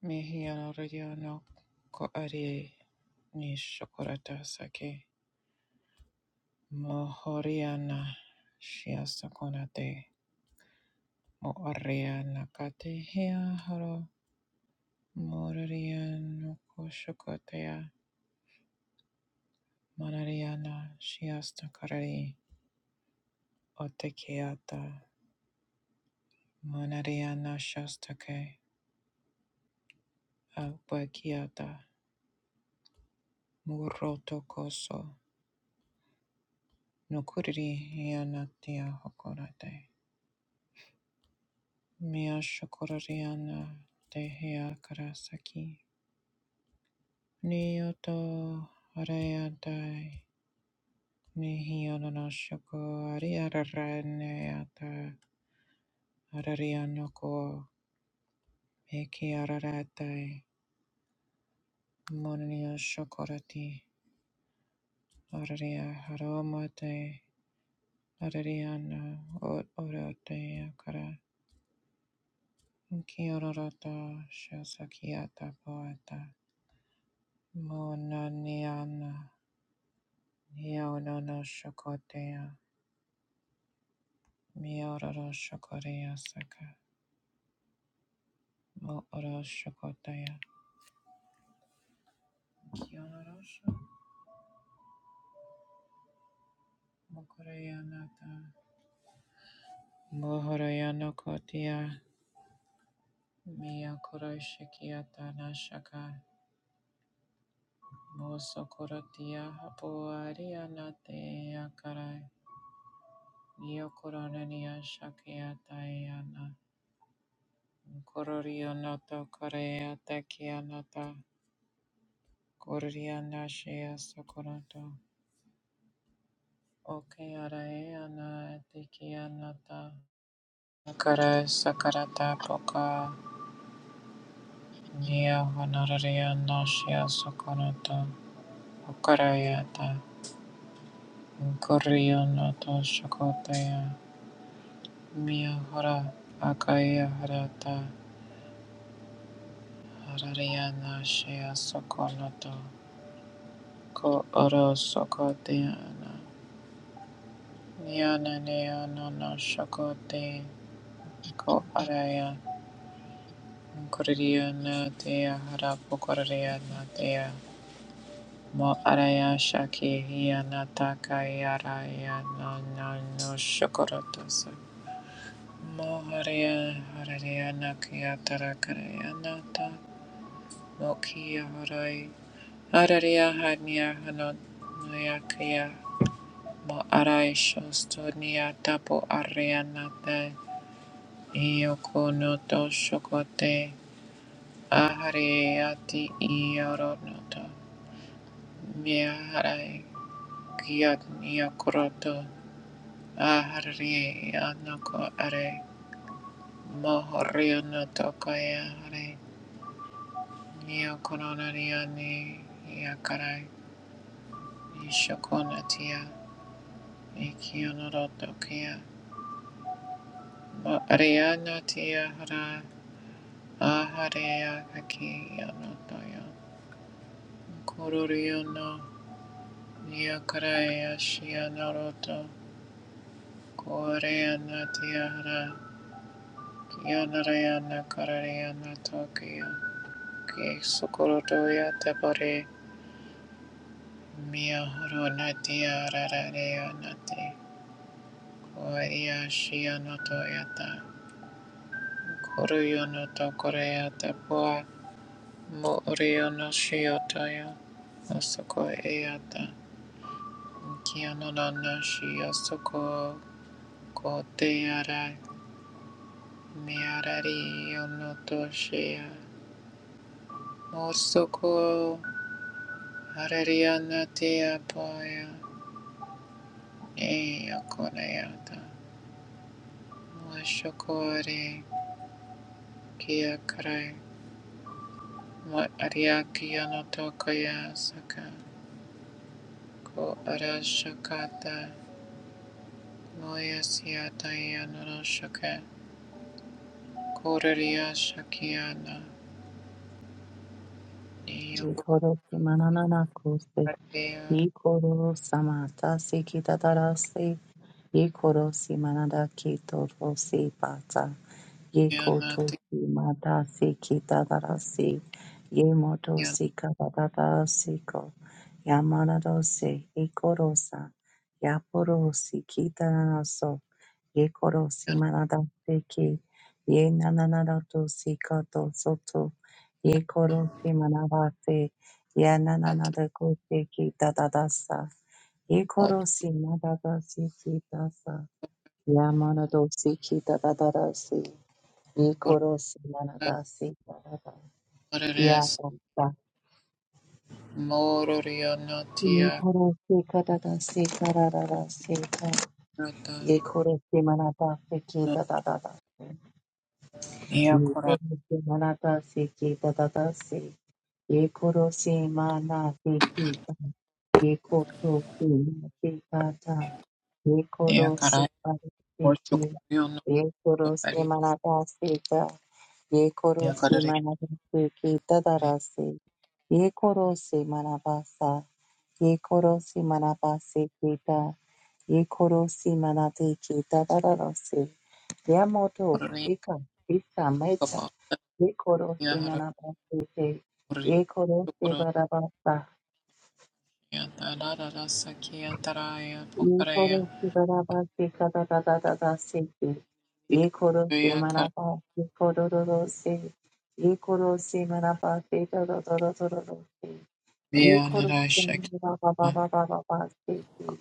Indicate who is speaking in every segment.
Speaker 1: Mihiano Rodiano Ko Ari Nishokorata Sake Mohoriana Shiasakonate Moariana Katehia Haro Morariano Koshokotea Manariana Shiastakarari Otekiata Manariana Shastake Albakiata Muroto Koso Nukuri Hianatia Hokorate Mia shokorariana dehia karasaki. Niyoto arayatai. Nihiyonana shoko ariaraneata. Ararianoko meki araratai. Mononio shokorati. Araria haromate. Arariana o- orate akara. Kiororata shasakiata poeta. Monaniana. Neo no no shokotea. Miororo shokorea saka. Mooro shokotea. Kyororo shokorea nata. Mohoroya no kotea. Miyakoro shikiata na shaka. Mosokorotia hapuaria nate akarai. Niokoronania shakiata yana. Kororio noto korea tekianata. Korea nashia sokoronto. Okay, arai ana teki anata sakara sakarata poka nia honoraria nosia sokonata okarayata inkorionata shakotaya mia hora akaya harata hararia nosia sokonata ko oro sokotiana niana niana no shakote ko araya Koririyanatea harapo koririyanatea mo araya shaki hiyanataka yaraya no no no shokorotasa mo haria harariyana kiyatara karayanata mo kiya harai harariya hanya hanonuyakaya mo arai shostonia tapo ariyanata iyoko no to shokote ahariyati iyoronoto Miare kiat niokroto ahari anoko are mohorio no tokaya are niokoronariani yakarai nishokonatia ikionoroto kia mo ariana tia hara aharea haki anotoyo kururio no niakarai ashianoroto koreana tia hara Yanarayana Kararayana Tokyo Kisukuruya Tabore Miyahuruna Diararayana Koya Shianoto Yata Koruyono Tokoreya Tapua Muriyono Shiotoya Osoko Eyata Kianonana Shiosoko Koteara Miyarari Yonoto Shia Osoko Harariana tia apoia e akonaiata. Mashokore kia karai. Ma ariaki anotokaya saka. Ko arashakata. Moya siata yanonoshaka. Koraria shakiana. Iyo
Speaker 2: Ikoro kimanana kose.
Speaker 1: koraria
Speaker 2: Ikoro samata sekidadarase. Ikoro simanada kitoro sepata.
Speaker 1: yana
Speaker 2: Yekoto
Speaker 1: te
Speaker 2: simata sekidadarase. Yemoto
Speaker 1: yana
Speaker 2: sikadadarasiko. Yamanadose ikorosa. Yaporo ye koro simanada seki, ye nananada to sikato soto, ye koro simanada se, ye
Speaker 1: yata.
Speaker 2: nananada ko seki dadadasa, ye koro
Speaker 1: Otkora
Speaker 2: simanada seki dasa, ya manado seki dadadasi, ye koro simanada se dadada, ya
Speaker 1: marares.
Speaker 2: dasa,
Speaker 1: Mororia
Speaker 2: ye
Speaker 1: notia.
Speaker 2: koro seka dadasi kararara seka, ye koro simanada seki
Speaker 1: Nata.
Speaker 2: Ye koro se manata se ke dadada se. Ye koro se mana te ki ta. Ye koro se ma te kata.
Speaker 1: Yeah,
Speaker 2: Yekorosi
Speaker 1: karai worship
Speaker 2: parikiti,
Speaker 1: Korea no
Speaker 2: yekorosi
Speaker 1: Korea.
Speaker 2: manadasita,
Speaker 1: Yeah,
Speaker 2: yekorosi
Speaker 1: karai
Speaker 2: manadasiki
Speaker 1: karai
Speaker 2: dadarasi, yekorosi manabasa, yekorosi manabasikita, yekorosi manadiki dadarasi, yamoto
Speaker 1: Korea
Speaker 2: ika ita meta,
Speaker 1: kapa. Yeah,
Speaker 2: yekorosi
Speaker 1: hara
Speaker 2: manabasite,
Speaker 1: Korea
Speaker 2: yekorosi
Speaker 1: shukura.
Speaker 2: barabasa,
Speaker 1: Yeah, tara rara sakiya taraya
Speaker 2: ye koro
Speaker 1: pokareya.
Speaker 2: se baraba se kada da da da da se ke
Speaker 1: Yeah,
Speaker 2: ye koro se
Speaker 1: Korea karai.
Speaker 2: maraba ye koro ro ro se ye koro se maraba se da da da da da da da se ye
Speaker 1: Yeah,
Speaker 2: koro
Speaker 1: nara
Speaker 2: se
Speaker 1: shakiya.
Speaker 2: maraba ba ba ba ba ba ba se ke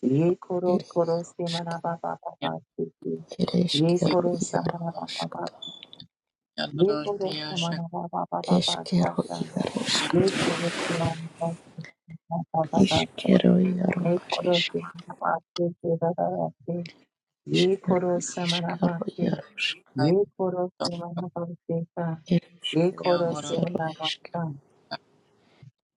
Speaker 2: ye koro koro se
Speaker 3: Ereshkigal,
Speaker 2: maraba ba ba
Speaker 1: Yeah,
Speaker 2: ba se ke ye
Speaker 1: yeah,
Speaker 3: Ereshkero,
Speaker 2: koro se
Speaker 3: Yaro,
Speaker 2: maraba ba ba
Speaker 3: Ashkata,
Speaker 1: yeah,
Speaker 2: ye
Speaker 1: nara
Speaker 2: koro se
Speaker 1: tiya shakiya
Speaker 2: maraba ba ba ba ba sa
Speaker 3: Eshkero,
Speaker 2: sa
Speaker 3: Yaroshk,
Speaker 2: ye koro se maraba ba ba ba ba sa
Speaker 3: Ishkero,
Speaker 1: korai.
Speaker 3: Yaro,
Speaker 2: ye koro
Speaker 3: Ereshk,
Speaker 2: se maraba se ke da da da se ye
Speaker 3: Ishkero,
Speaker 2: koro
Speaker 3: Ishkero,
Speaker 2: samarabate,
Speaker 3: Yaroshk,
Speaker 2: ye koro samarabate ta, ye
Speaker 3: Ereshkero,
Speaker 1: Yeah,
Speaker 2: koro
Speaker 1: hara
Speaker 3: Yaro, Eshk,
Speaker 2: samarabata,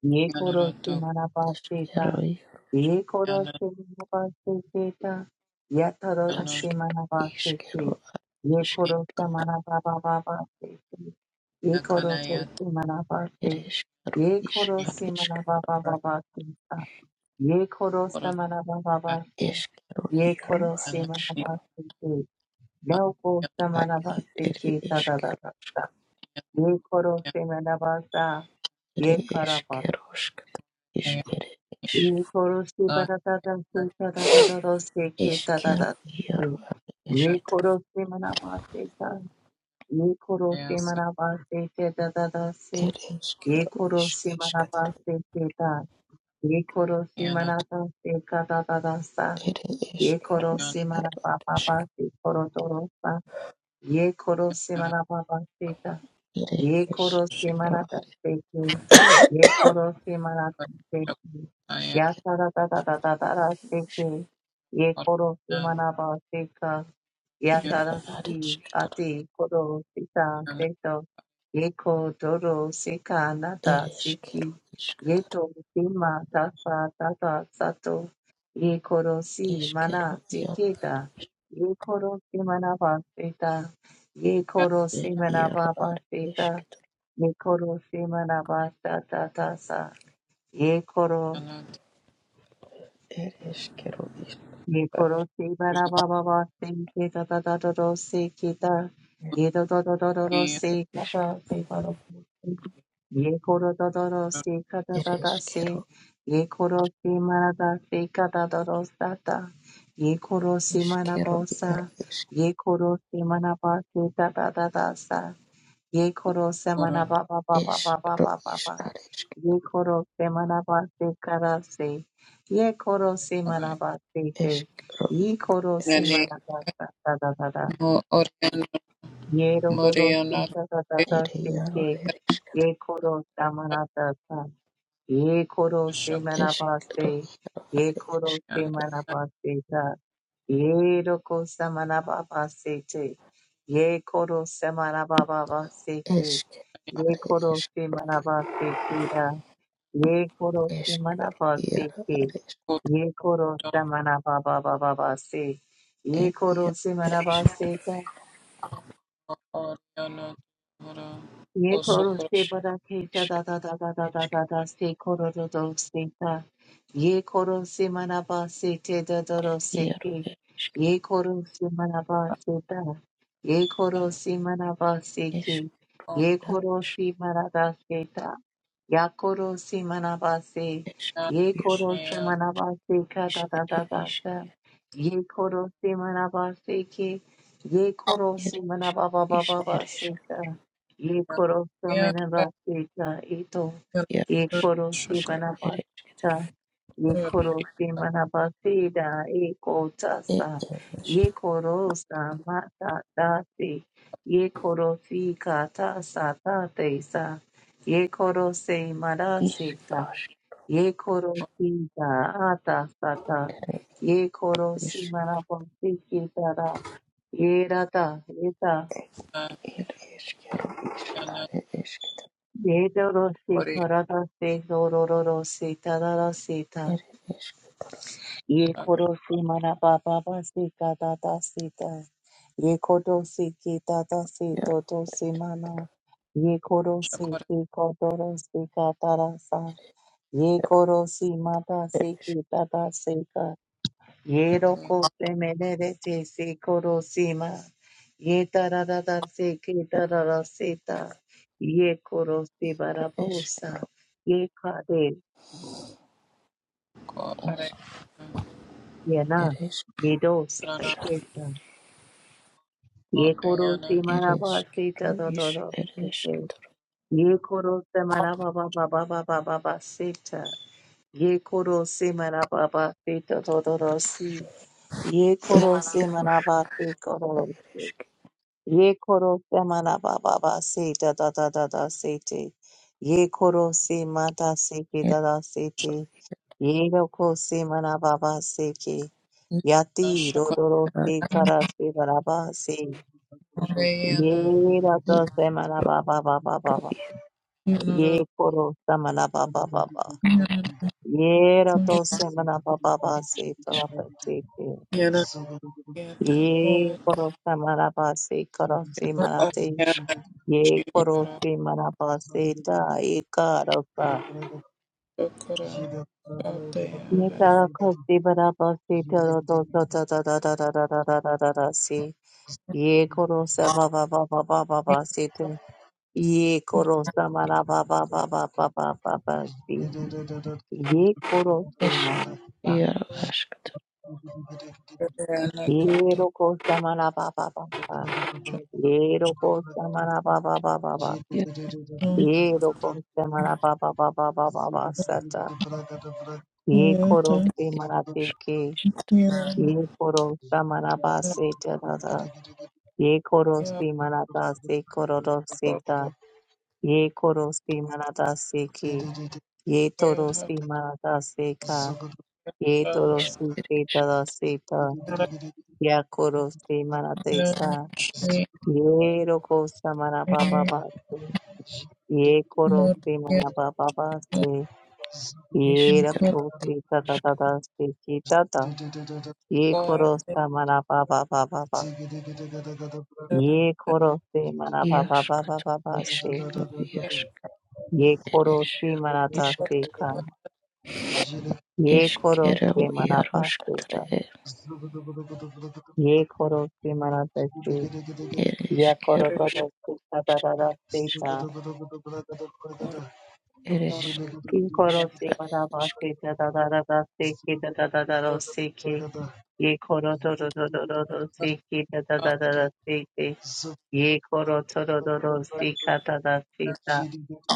Speaker 2: ye
Speaker 1: takiya nara
Speaker 2: koro
Speaker 1: tokiya
Speaker 2: samarabate ta,
Speaker 3: Eshkero,
Speaker 2: ye koro
Speaker 1: nara
Speaker 2: samarabate te ta, ya taro
Speaker 1: no
Speaker 3: Ashkero,
Speaker 2: samarabate ke,
Speaker 3: Ishkero,
Speaker 2: ye
Speaker 3: Ashk,
Speaker 1: shakiya
Speaker 2: koro samarabababate te, ye koro
Speaker 1: kanaya tari.
Speaker 2: samarabate,
Speaker 3: Ereshkero,
Speaker 2: ye
Speaker 3: Ish,
Speaker 2: koro
Speaker 3: Areshk,
Speaker 2: samarabababate ta, ye koro
Speaker 1: Kora takiya
Speaker 2: samarababate,
Speaker 3: Eshkero,
Speaker 2: ye
Speaker 3: Yaro,
Speaker 2: koro
Speaker 1: nara
Speaker 3: Areshk,
Speaker 1: tiya.
Speaker 2: samarabate Naoko
Speaker 1: Yeah,
Speaker 3: Ari,
Speaker 2: Samanabasti
Speaker 3: Ere,
Speaker 2: ki
Speaker 3: Eshkero,
Speaker 2: tadadadasta.
Speaker 1: yeah,
Speaker 2: Ye koro
Speaker 1: yeah, yeah, yeah,
Speaker 2: semanabasta.
Speaker 3: Ere,
Speaker 2: Ye karaba.
Speaker 3: Eshkeroshk, Ish, Ere, Ish,
Speaker 2: Ye koro sibaradadasti tadadadadosti ki
Speaker 3: Eshkero, Yaro,
Speaker 2: tadadadasti.
Speaker 1: yeah,
Speaker 2: Ye
Speaker 3: Areshk,
Speaker 2: koro semanabasti ta. Ye koro
Speaker 1: yeah,
Speaker 2: semanabasti ki tadadadasti.
Speaker 3: Ere
Speaker 2: Ye
Speaker 3: eskero
Speaker 2: koro
Speaker 3: isk eskatoro.
Speaker 2: semanabasti ki ta. Ye koro
Speaker 1: yeah, yeah,
Speaker 2: semanabasti ka tadadadasta.
Speaker 3: Ere
Speaker 2: Ye koro
Speaker 3: eskero
Speaker 1: yeah,
Speaker 3: iaro isk
Speaker 2: semanababasti koro torosta. ye koro se marababa seta,
Speaker 3: Ere
Speaker 2: ye koro se
Speaker 3: eskero
Speaker 2: marata
Speaker 3: ari
Speaker 2: seki, ye koro se marata seki, ya
Speaker 3: isk
Speaker 2: tara da da da da da da
Speaker 3: Ari isk.
Speaker 2: seki, ye koro se maraba seka, ya
Speaker 3: It
Speaker 2: tara
Speaker 3: is
Speaker 2: seki
Speaker 3: Kero
Speaker 2: ate koro seta seto, ye ko doro seka
Speaker 3: Ishkatoro. It
Speaker 2: nata seki, ye to sima tata tata sato, ye koro si
Speaker 3: is Kero
Speaker 2: mana
Speaker 3: Ere
Speaker 2: teketa, ye koro se maraba seta, Ye koro simena baba sita.
Speaker 3: Adishk.
Speaker 2: Ye koro simena basta ta ta sa. Ye koro.
Speaker 3: It is Kero
Speaker 2: Ye
Speaker 3: Adishk.
Speaker 2: koro simena baba basta ta ta ta ta ta si kita. Ye ta ta ta ta ta ta si
Speaker 3: Yaro
Speaker 2: kata si karo. Ye koro ta ta ta si
Speaker 3: Adishkatoro.
Speaker 2: kata
Speaker 3: It
Speaker 2: ta
Speaker 3: is
Speaker 2: ta
Speaker 3: Kero
Speaker 2: si. Ye koro simena ta si kata ta ta ta ta. Ye koro
Speaker 3: Ishkatoro.
Speaker 2: simena
Speaker 3: Ishkero Yaro Yaro
Speaker 2: basta.
Speaker 3: Adishkatoro.
Speaker 2: Ye koro simena basta ta ta ta ta sa. Ye koro semana ba ba ba ba ba ba ba ba ba. Ye koro semana ba se kara se. Ye koro semana ba se
Speaker 3: It
Speaker 2: te.
Speaker 3: is Kero Ishkatoro.
Speaker 2: Ye koro
Speaker 3: It is isk
Speaker 1: Nani
Speaker 2: semana ba da da da da da.
Speaker 1: mo oriana
Speaker 2: Ye ro ro ro se
Speaker 1: moriana
Speaker 2: da da da
Speaker 3: Ishkero Yaro Ishk. Ishro Ish Adishk. Ishkro Yarishk.
Speaker 2: da
Speaker 3: It is
Speaker 2: se
Speaker 3: Yaro
Speaker 2: ke.
Speaker 3: Erishk.
Speaker 2: Ye koro samana da da ye koro se
Speaker 1: shakana
Speaker 3: Ishkro
Speaker 2: manabaste, ye
Speaker 3: Adishk.
Speaker 2: koro se manabaste ta, ye roko se manababaste te, ye koro se manababaste ke,
Speaker 3: Eşk,
Speaker 2: ye
Speaker 3: are
Speaker 2: koro
Speaker 3: eşk,
Speaker 2: se manabaste ke da, ye koro se
Speaker 3: eşk,
Speaker 2: manabaste
Speaker 3: yara
Speaker 2: ke,
Speaker 3: are eşk,
Speaker 2: ye koro se
Speaker 1: koto
Speaker 2: manababababaste, ye
Speaker 3: er,
Speaker 2: koro
Speaker 3: yara
Speaker 2: se
Speaker 3: er eşk,
Speaker 2: manabaste
Speaker 1: oriana mora
Speaker 2: Ye
Speaker 3: er
Speaker 2: koro
Speaker 1: kosokurata
Speaker 2: se
Speaker 3: eşk,
Speaker 2: bara ke ta
Speaker 3: eşk,
Speaker 2: da da da da da da
Speaker 3: eşk,
Speaker 2: da da se koro do do se ta. Ye koro se mana ba se te da do do se
Speaker 3: yara
Speaker 2: ke.
Speaker 3: er eşk,
Speaker 2: Ye koro se mana ba se ta. Ye koro se mana ba se
Speaker 3: eşk,
Speaker 2: ke. Ye
Speaker 3: er
Speaker 2: koro
Speaker 3: eşk,
Speaker 2: se mana da se ta. Ya koro se mana ba se.
Speaker 3: eşk,
Speaker 1: oriana
Speaker 2: Ye
Speaker 3: yara
Speaker 2: koro se
Speaker 3: eşk,
Speaker 1: shia
Speaker 2: mana ba se ka
Speaker 3: iş,
Speaker 2: da da da
Speaker 3: er
Speaker 2: da
Speaker 3: eşk,
Speaker 2: da. Ye koro se mana ba se ke. Ye koro
Speaker 3: er
Speaker 2: se mana
Speaker 3: eşk,
Speaker 2: ba ba ba
Speaker 3: iş,
Speaker 2: ba
Speaker 3: er
Speaker 2: ba se
Speaker 3: eşk,
Speaker 2: ka ye koro
Speaker 1: ya
Speaker 2: samena vasita ito
Speaker 3: yara
Speaker 2: ye
Speaker 3: eşk,
Speaker 2: koro
Speaker 3: eşk,
Speaker 1: shakaya
Speaker 2: simana
Speaker 3: er eşk,
Speaker 2: vasita ye koro simana vasita ye kota
Speaker 3: er er
Speaker 2: sa
Speaker 3: eşk,
Speaker 2: ye koro samata dati ye koro si kata sa tate sa ye koro se
Speaker 3: iş,
Speaker 2: marasita
Speaker 3: aşk,
Speaker 2: ye koro si ta ata sata ye koro
Speaker 3: iş,
Speaker 2: simana vasita ra ye rata
Speaker 3: er eşk, yara eşk,
Speaker 1: oriana
Speaker 3: are eşk,
Speaker 2: Ye dorosi
Speaker 1: oriana
Speaker 2: karadasi dororosi tararasita.
Speaker 3: er eşk,
Speaker 2: Ye korosi manabababasi kadadasita. Ye kodosi kitadasi
Speaker 3: yara
Speaker 2: dodosi mana. Ye korosi
Speaker 1: shakurati
Speaker 2: kikodorosi katarasa. Ye korosi
Speaker 3: er
Speaker 2: madasi
Speaker 3: eşk,
Speaker 2: kitadasi Ye roko se menere te se koro sima. Ye tararara se ke
Speaker 3: er
Speaker 2: tarara seta. Ye koro se
Speaker 3: eşk,
Speaker 2: barabosa. Ye kare
Speaker 1: ko
Speaker 3: eşk,
Speaker 2: ye
Speaker 3: er
Speaker 2: na.
Speaker 3: eşk,
Speaker 2: Ye dos
Speaker 1: ariana
Speaker 2: se keta. Ye koro se
Speaker 1: oriana
Speaker 2: maraba se
Speaker 3: ereshkigal
Speaker 2: ta ta
Speaker 3: is
Speaker 2: ta ta. kete.
Speaker 3: ereshkigal
Speaker 2: Ye koro se maraba ba ba ba ba ba ba ba seta. Ye koro se maraba ba se ta ta ta ta si. Ye koro se
Speaker 3: yaroshkigal
Speaker 2: maraba se koro. Ye koro se mana baba ba se da da da da da se te. Ye koro se mata se ke
Speaker 3: er
Speaker 2: da da se te. Ye roko se mana baba se ke. Yati rodoro
Speaker 3: ibar
Speaker 2: se kara se baraba se.
Speaker 1: Shakurayana
Speaker 2: Ye rato se mana baba baba
Speaker 3: ikro
Speaker 2: baba.
Speaker 3: ir
Speaker 1: Yana
Speaker 2: Ye koro se mana baba baba. Ye rato se mana baba baba se
Speaker 3: ereshkigal
Speaker 2: baraba se te.
Speaker 1: Yata
Speaker 2: Ye
Speaker 1: Poeta
Speaker 2: koro se mana baba se koro se mana te.
Speaker 1: Yana
Speaker 2: ये करो
Speaker 1: Shikara
Speaker 2: से करोसि मनापसेता एकारसा
Speaker 1: Sukura
Speaker 2: ये
Speaker 1: Satayara
Speaker 2: करो से से तो तो तो तो तो तो तो तो तो तो तो तो से ये तरखसि बरापसि तरोतो तततततततततततसि ये करो करो से ये करो से
Speaker 1: Yana
Speaker 2: करोसा बाबाबाबाबाबासिते ये रोको करोसा मनाबाबाबाबाबाबाबासि ये रोको करोसि
Speaker 3: eresh
Speaker 2: मनासा
Speaker 3: yarashkigal
Speaker 2: ये रोकोसा मनाबाबाबाबा ये रोकोसा मनाबाबाबाबा
Speaker 3: yar
Speaker 2: ये रोकोसा मनाबाबाबाबाबाबासता ye
Speaker 1: Kuyata
Speaker 2: koro se marate
Speaker 3: ish
Speaker 2: ke
Speaker 1: Yana
Speaker 2: ye koro sa maraba se tarada ye koro
Speaker 1: Yako
Speaker 2: se marata se kororo se ta ye koro se marata se ke ye toro
Speaker 1: Yahara
Speaker 2: se marata se ka ye toro se se
Speaker 3: eresh
Speaker 2: tada se ta ya koro se marate
Speaker 1: Yana
Speaker 2: sa
Speaker 1: Shi
Speaker 2: ye roko sa maraba baba se ye koro se
Speaker 1: Murya
Speaker 2: maraba baba se ye
Speaker 3: eshkiro
Speaker 1: Kukar
Speaker 2: rako se tada
Speaker 3: ishk
Speaker 2: tada se ki Ye koro sa mana ba ba ba ba ba.
Speaker 1: Dita
Speaker 2: Ye koro se mana ba ba ba ba
Speaker 3: yashkigal
Speaker 2: ba ba se.
Speaker 3: eshkiro yashk
Speaker 2: Ye koro
Speaker 3: eresh
Speaker 2: se mana ta se
Speaker 3: ishkigal
Speaker 2: ka.
Speaker 1: Shikura
Speaker 2: Ye koro
Speaker 3: eshkiro
Speaker 2: se mana pa se
Speaker 3: yaroshkigal
Speaker 2: ka. Ye koro se mana ta se. Ye koro to
Speaker 1: Kuriya
Speaker 3: ereshkiroshk
Speaker 2: to se ta ta ta ta se ta.
Speaker 1: Murya Kukura
Speaker 2: Ye koro se
Speaker 3: ereshkigal
Speaker 2: mana ba se ta ta ta ta ta se ke ta ta ta ta ro se ke. Ye koro to to to to to to se ke ta ta
Speaker 1: Satayara
Speaker 2: ta ta ta se ke. Ye koro toro doro si kata da sita.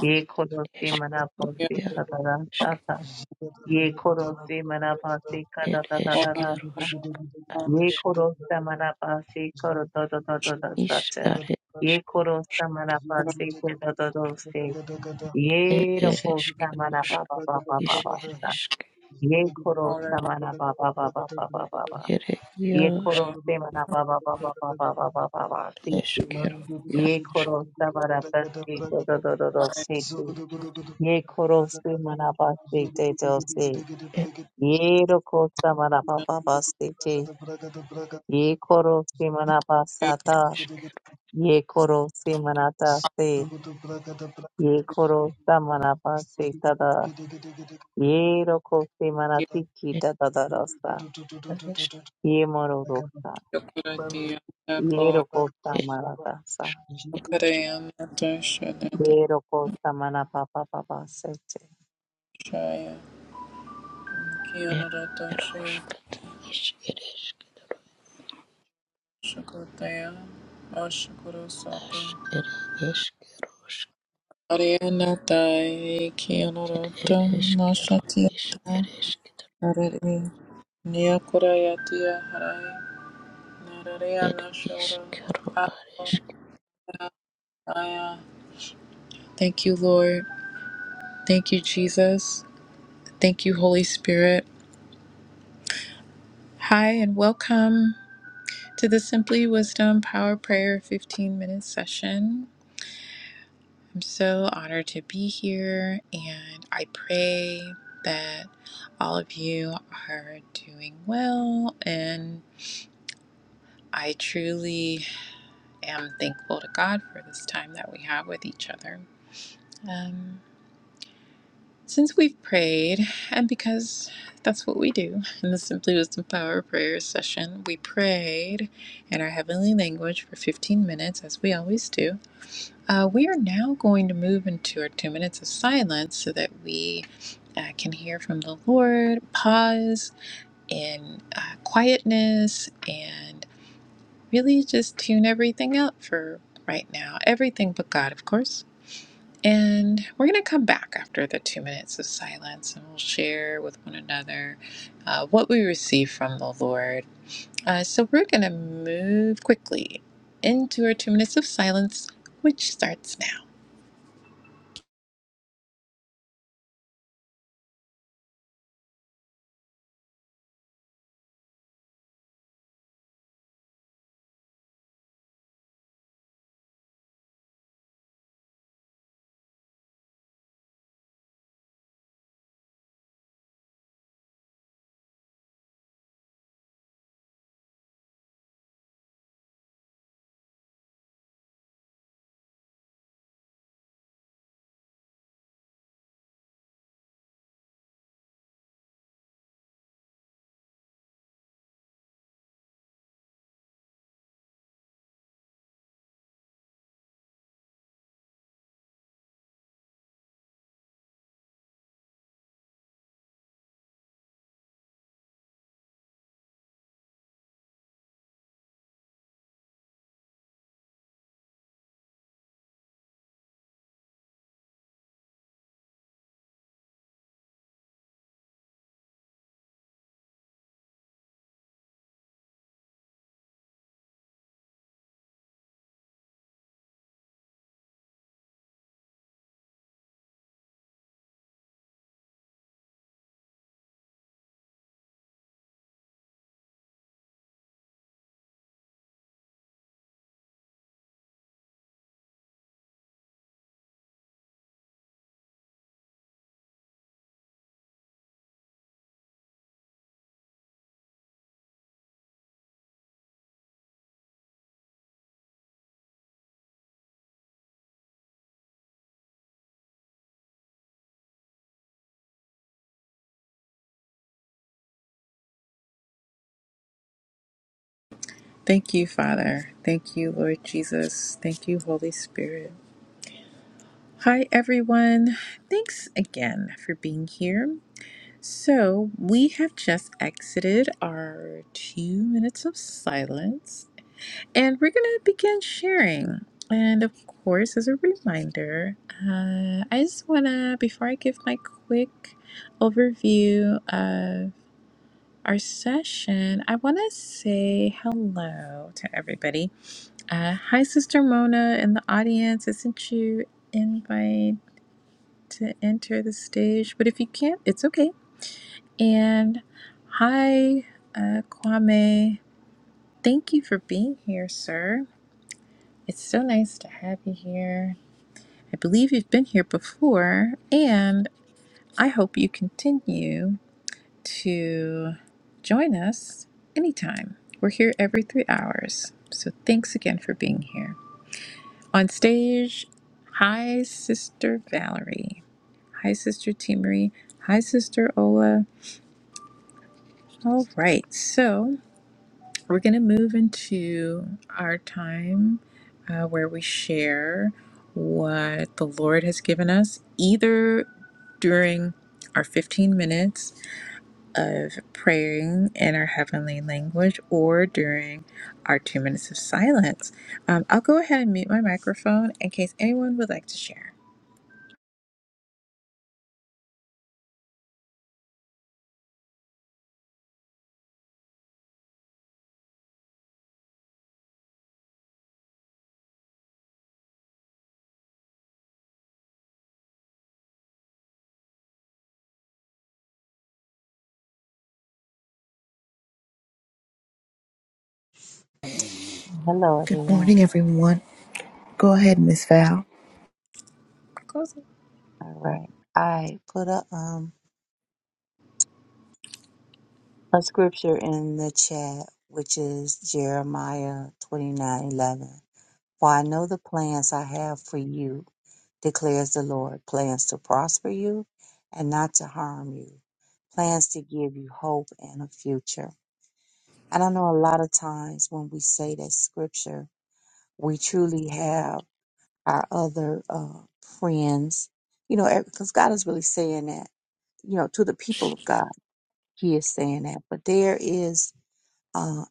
Speaker 2: Ye koro si mana po si
Speaker 3: eshkiro
Speaker 2: kata da sata. Ye koro si mana po si kata
Speaker 3: It
Speaker 2: da da
Speaker 3: is
Speaker 2: da da sa.
Speaker 3: Kerouac,
Speaker 2: Ye
Speaker 3: is
Speaker 2: koro sa mana po si koro do do do do da
Speaker 3: is
Speaker 2: sata.
Speaker 3: are
Speaker 2: Ye koro sa mana po si koro do do si. Ye ro
Speaker 3: it is
Speaker 2: sa mana ba
Speaker 3: Kerouac,
Speaker 2: ba ba ba ba
Speaker 3: is
Speaker 2: ba
Speaker 3: it
Speaker 2: sa.
Speaker 3: is
Speaker 2: Ye koro
Speaker 1: Yako
Speaker 2: sa mana ba ba ba ba ba ba ba ba. Ye
Speaker 3: Yarosh
Speaker 2: koro se mana ba ba ba ba ba ba ba ba ba ba si
Speaker 3: is
Speaker 2: si.
Speaker 3: Kerouac,
Speaker 2: Ye
Speaker 3: Yarosh
Speaker 2: koro sa bara ta si ko do do do do
Speaker 1: Ariana
Speaker 2: si si. Ye koro se mana ba si te do si. Ye ro ko sa mana ba ba ba si te. Ye koro se mana ba sa
Speaker 3: it
Speaker 2: ta.
Speaker 3: is Kerouac,
Speaker 2: Ye koro se mana ta si. Ye koro sa mana ba si ta da. Ye ro ko se mana ti ki ta da da da sa.
Speaker 3: Yarosh
Speaker 2: Ye moro ro sa. Ye ro ko sa
Speaker 3: it
Speaker 2: mana ta sa. Beautiful Samana Papa Papa Sete.
Speaker 3: is Kerouac, is it is as it is Kerouac,
Speaker 1: tai
Speaker 3: it
Speaker 1: kianoroto
Speaker 3: is Kerouac, is
Speaker 1: nashatiata
Speaker 3: it is
Speaker 1: arari niakurayatia harai
Speaker 3: Kerouac, it
Speaker 1: narariana
Speaker 3: is
Speaker 1: shoro
Speaker 3: Kerouac,
Speaker 1: ato
Speaker 3: is
Speaker 1: aya. Thank you, Lord. Thank you, Jesus. Thank you, Holy Spirit. Hi, and welcome. to the Simply Wisdom Power Prayer 15 minute session. I'm so honored to be here, and I pray that all of you are doing well. And I truly am thankful to God for this time that we have with each other. Um, since we've prayed, and because that's what we do in the Simply Wisdom Power Prayer session, we prayed in our heavenly language for 15 minutes, as we always do. Uh, we are now going to move into our two minutes of silence so that we uh, can hear from the Lord, pause in uh, quietness, and really just tune everything out for right now. Everything but God, of course. And we're going to come back after the two minutes of silence and we'll share with one another uh, what we receive from the Lord. Uh, so we're going to move quickly into our two minutes of silence, which starts now. Thank you, Father. Thank you, Lord Jesus. Thank you, Holy Spirit. Hi, everyone. Thanks again for being here. So, we have just exited our two minutes of silence, and we're going to begin sharing. And of course, as a reminder, uh, I just want to, before I give my quick overview of our session, I want to say hello to everybody. Uh, hi, Sister Mona in the audience. I sent you invite to enter the stage, but if you can't, it's okay. And hi, uh, Kwame. Thank you for being here, sir. It's so nice to have you here. I believe you've been here before, and I hope you continue to join us anytime. We're here every three hours. So thanks again for being here. On stage, hi, Sister Valerie. Hi, Sister Timory. Hi, Sister Ola. All right, so we're going to move into our time uh, where we share what the Lord has given us, either during our 15 minutes of praying in our heavenly language or during our two minutes of silence. Um, I'll go ahead and mute my microphone in case anyone would like to share.
Speaker 2: Hello
Speaker 3: Good
Speaker 2: everyone.
Speaker 3: morning, everyone. Go ahead, Miss Val.
Speaker 1: Close it.
Speaker 2: All right. I put a um a scripture in the chat which is Jeremiah twenty nine eleven. For I know the plans I have for you, declares the Lord, plans to prosper you and not to harm you, plans to give you hope and a future. And I know a lot of times when we say that scripture, we truly have our other uh, friends. You know, because God is really saying that, you know, to the people of God, He is saying that. But there is, uh,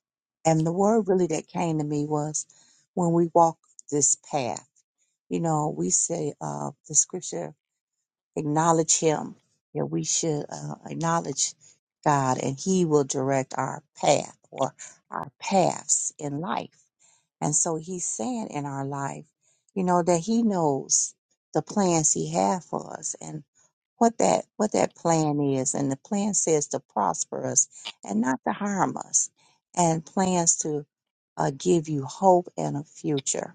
Speaker 2: and the word really that came to me was when we walk this path, you know, we say uh, the scripture, acknowledge Him, that we should uh, acknowledge God and He will direct our path or our paths in life and so he's saying in our life, you know, that he knows the plans he has for us. and what that what that plan is and the plan says to prosper us and not to harm us and plans to uh, give you hope and a future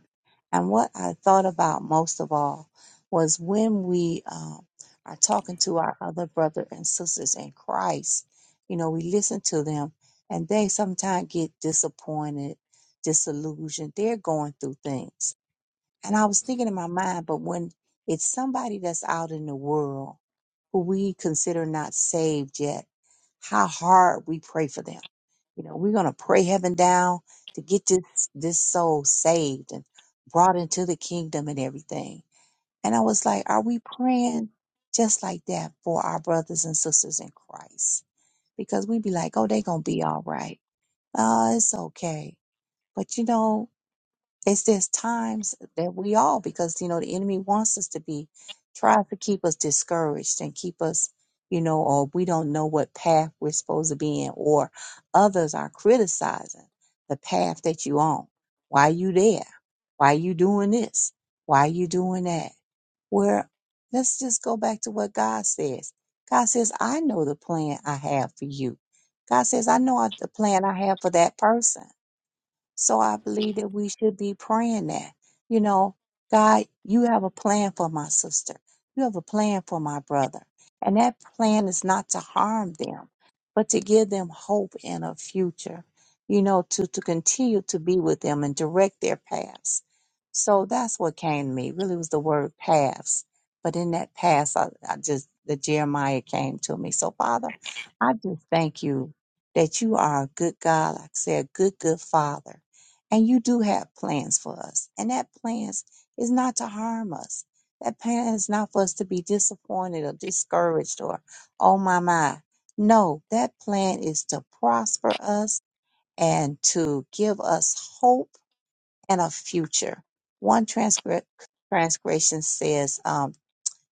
Speaker 2: and what i thought about most of all was when we um, are talking to our other brother and sisters in christ you know we listen to them and they sometimes get disappointed disillusioned they're going through things and i was thinking in my mind but when it's somebody that's out in the world who we consider not saved yet, how hard we pray for them. You know, we're gonna pray heaven down to get this this soul saved and brought into the kingdom and everything. And I was like, are we praying just like that for our brothers and sisters in Christ? Because we'd be like, oh, they gonna be all right. Oh, it's okay. But you know, it's just times that we all because you know the enemy wants us to be tries to keep us discouraged and keep us you know or we don't know what path we're supposed to be in or others are criticizing the path that you on why you there why you doing this why you doing that where let's just go back to what god says god says i know the plan i have for you god says i know the plan i have for that person so I believe that we should be praying that, you know, God, you have a plan for my sister. You have a plan for my brother. And that plan is not to harm them, but to give them hope in a future, you know, to, to continue to be with them and direct their paths. So that's what came to me. Really was the word paths. But in that path, I, I just, the Jeremiah came to me. So Father, I just thank you that you are a good God. Like I said, a good, good Father and you do have plans for us. And that plans is not to harm us. That plan is not for us to be disappointed or discouraged or, oh my, my. No, that plan is to prosper us and to give us hope and a future. One transcript, transgression says, um,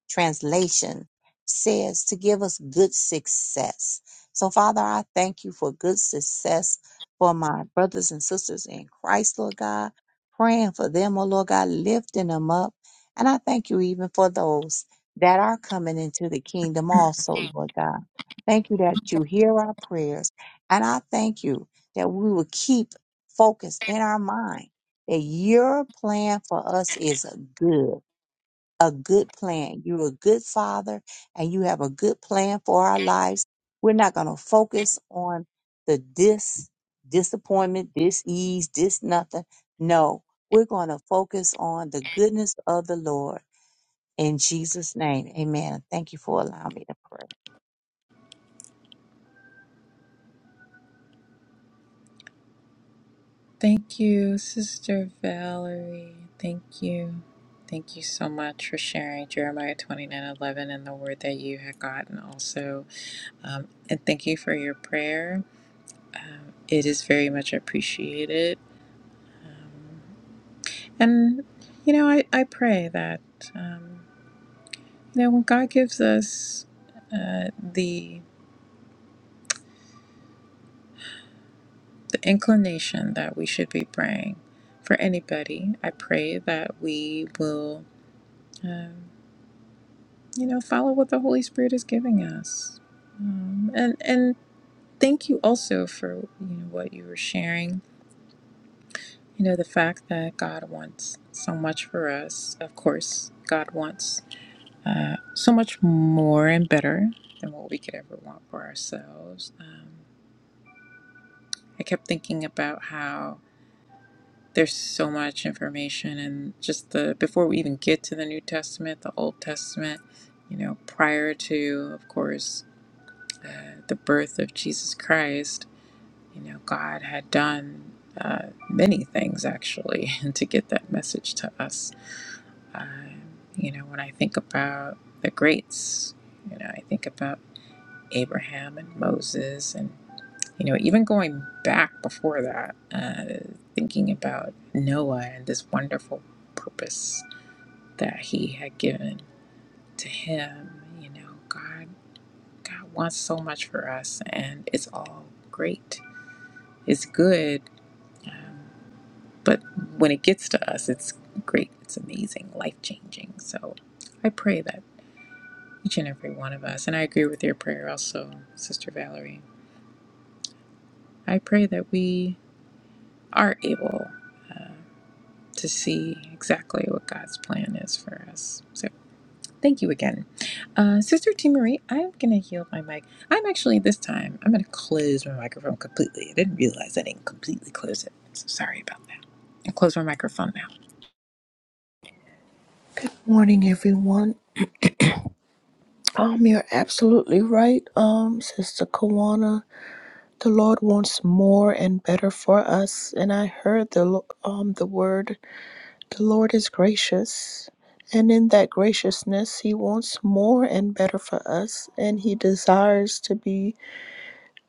Speaker 2: translation says to give us good success. So, Father, I thank you for good success for my brothers and sisters in Christ, Lord God, praying for them, oh Lord God, lifting them up. And I thank you even for those that are coming into the kingdom also, Lord God. Thank you that you hear our prayers. And I thank you that we will keep focused in our mind that your plan for us is good a good plan. You're a good father and you have a good plan for our lives. We're not going to focus on the dis, disappointment, dis ease, dis nothing. No, we're going to focus on the goodness of the Lord in Jesus' name. Amen. Thank you for allowing me to pray.
Speaker 1: Thank you, Sister Valerie. Thank you. Thank you so much for sharing Jeremiah 29 11 and the word that you had gotten also. Um, and thank you for your prayer. Um, it is very much appreciated. Um, and, you know, I, I pray that, um, you know, when God gives us uh, the, the inclination that we should be praying for anybody, I pray that we will. Um, you know follow what the holy spirit is giving us um, and and thank you also for you know what you were sharing you know the fact that god wants so much for us of course god wants uh, so much more and better than what we could ever want for ourselves um, i kept thinking about how there's so much information and just the before we even get to the new testament the old testament you know prior to of course the the birth of Jesus Christ, you know, God had done uh, many things actually to get that message to us. Uh, you know, when I think about the greats, you know, I think about Abraham and Moses, and you know, even going back before that, uh, thinking about Noah and this wonderful purpose that he had given to him. You know, God, God wants so much for us, and it's all great is good, but when it gets to us, it's great, it's amazing, life changing. So I pray that each and every one of us, and I agree with your prayer also, Sister Valerie, I pray that we are able uh, to see exactly what God's plan is for us. So thank you again. Uh, Sister T. Marie, I'm going to heal my mic. I'm actually, this time, I'm going to close my microphone completely. I didn't realize I didn't completely close it. So sorry about that. I'll close my microphone now.
Speaker 3: Good morning, everyone. Um, you're absolutely right, um, Sister Kawana. The Lord wants more and better for us, and I heard the lo- um the word, the Lord is gracious, and in that graciousness, He wants more and better for us, and He desires to be,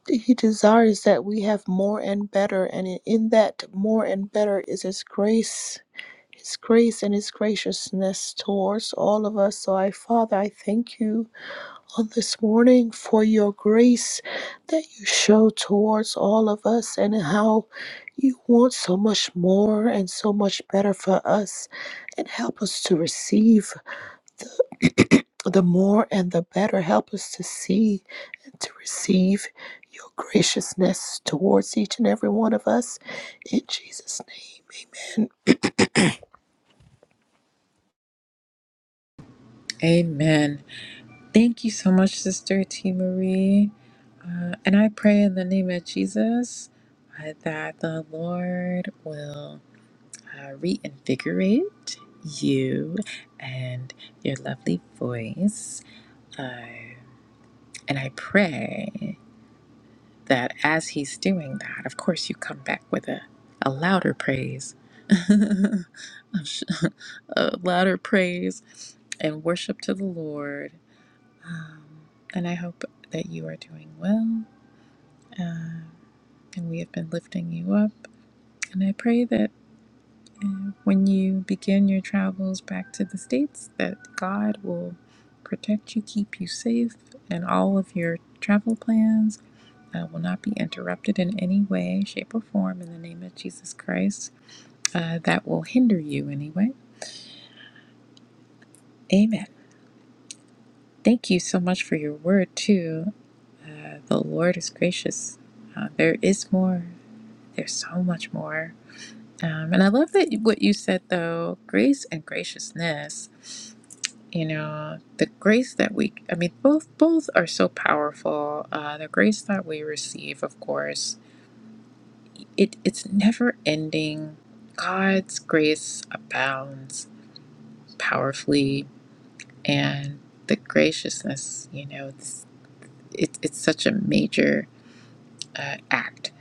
Speaker 3: He desires that we have more and better, and in in that more and better is His grace. His grace and His graciousness towards all of us. So, I, Father, I thank you on this morning for your grace that you show towards all of us and how you want so much more and so much better for us. And help us to receive the more and the better. Help us to see and to receive your graciousness towards each and every one of us. In Jesus' name, amen.
Speaker 1: Amen. Thank you so much, Sister T. Marie. Uh, and I pray in the name of Jesus uh, that the Lord will uh, reinvigorate you and your lovely voice. Uh, and I pray that as He's doing that, of course, you come back with a, a louder praise, a sh- a louder praise and worship to the Lord Um, and I hope that you are doing well. Uh, and we have been lifting you up. And I pray that uh, when you begin your travels back to the States, that God will protect you, keep you safe, and all of your travel plans uh, will not be interrupted in any way, shape, or form in the name of Jesus Christ. Uh, that will hinder you anyway. Amen. Thank you so much for your word, too. Uh, the Lord is gracious. Uh, there is more. There's so much more. Um, and I love that you- what you said though, grace and graciousness. You know, the grace that we, I mean, both both are so powerful. Uh, the grace that we receive, of course, it it's never ending. God's grace abounds powerfully, and the graciousness, you know, it's it, it's such a major uh, act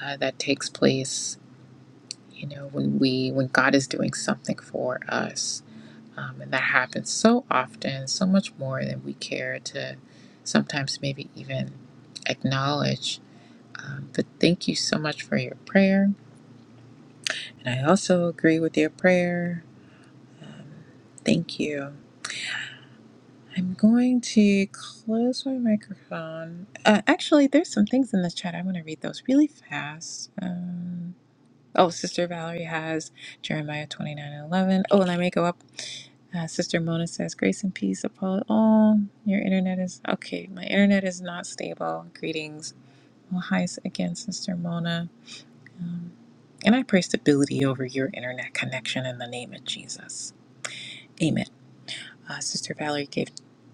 Speaker 1: uh, that takes place. You know, when we when God is doing something for us Um, and that happens so often, so much more than we care to sometimes maybe even acknowledge. Um, but thank you so much for your prayer. And I also agree with your prayer. Thank you. I'm going to close my microphone. Uh, actually, there's some things in the chat. I'm going to read those really fast. Um, Oh, Sister Valerie has Jeremiah 29 and 11. Oh, and I may go up. Uh, Sister Mona says, Grace and peace, Apollo. Oh, your internet is okay. My internet is not stable. Greetings. Well, hi s- again, Sister Mona. Um, and I pray stability over your internet connection in the name of Jesus. Uh, Sister Valerie gave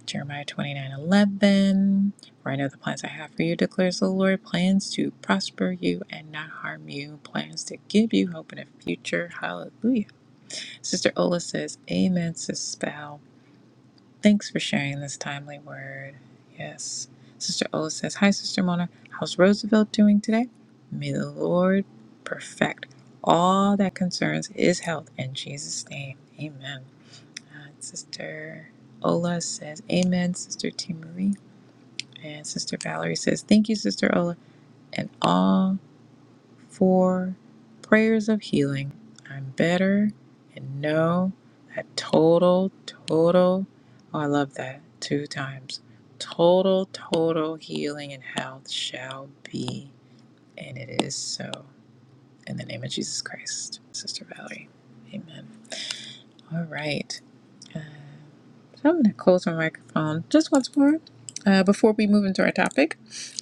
Speaker 1: Jeremiah twenty nine eleven. For I know the plans I have for you, declares the Lord plans to prosper you and not harm you, plans to give you hope and a future. Hallelujah. Sister Ola says, Amen, Sis Val Thanks for sharing this timely word. Yes. Sister Ola says, Hi, Sister Mona. How's Roosevelt doing today? May the Lord perfect all that concerns his health in Jesus' name. Amen. Uh, Sister Ola says, Amen, Sister T. Marie. And Sister Valerie says, Thank you, Sister Ola. And all four prayers of healing. I'm better and know that total, total, oh, I love that two times. Total, total healing and health shall be. And it is so. In the name of Jesus Christ, Sister Valerie. Amen. All right. So I'm going to close my microphone just once more uh, before we move into our topic,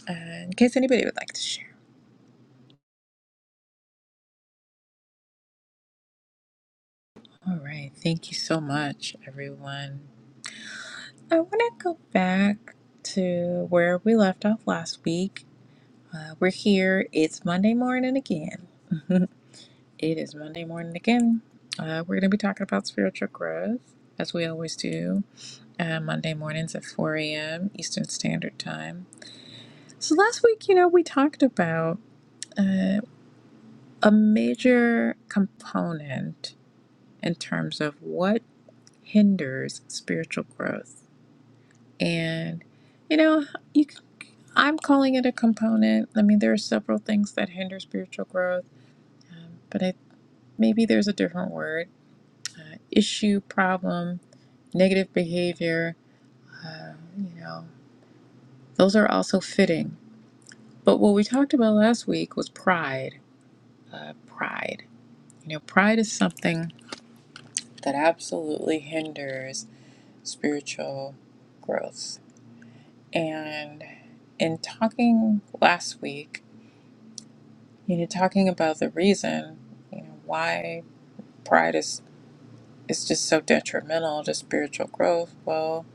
Speaker 1: uh, in case anybody would like to share. All right. Thank you so much, everyone. I want to go back to where we left off last week. Uh, we're here. It's Monday morning again. it is Monday morning again. Uh, we're going to be talking about spiritual growth, as we always do, uh, Monday mornings at 4 a.m. Eastern Standard Time. So last week, you know, we talked about. uh, a major component in terms of what hinders spiritual growth. And you know, you c- I'm calling it a component. I mean, there are several things that hinder spiritual growth, um, but I, maybe there's a different word: uh, issue, problem, negative behavior. Uh, you know, those are also fitting. But what we talked about last week was pride. Uh, pride. You know, pride is something that absolutely hinders spiritual growth. And in talking last week, you know, talking about the reason, you know, why pride is is just so detrimental to spiritual growth. Well,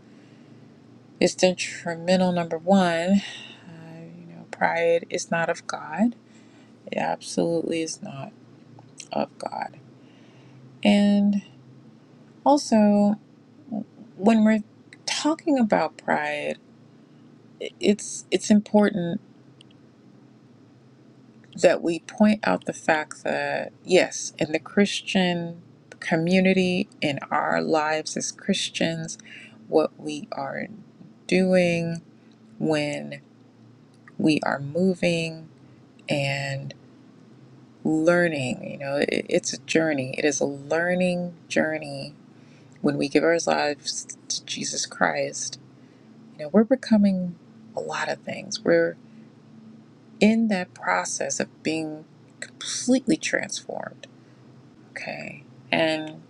Speaker 1: it's detrimental number one. Uh, you know, pride is not of God. It absolutely is not of God. And also, when we're talking about pride, it's it's important that we point out the fact that, yes, in the Christian community, in our lives as Christians, what we are doing when we are moving and learning, you know, it, it's a journey. It is a learning journey when we give our lives to Jesus Christ. You know, we're becoming a lot of things. We're in that process of being completely transformed Okay. And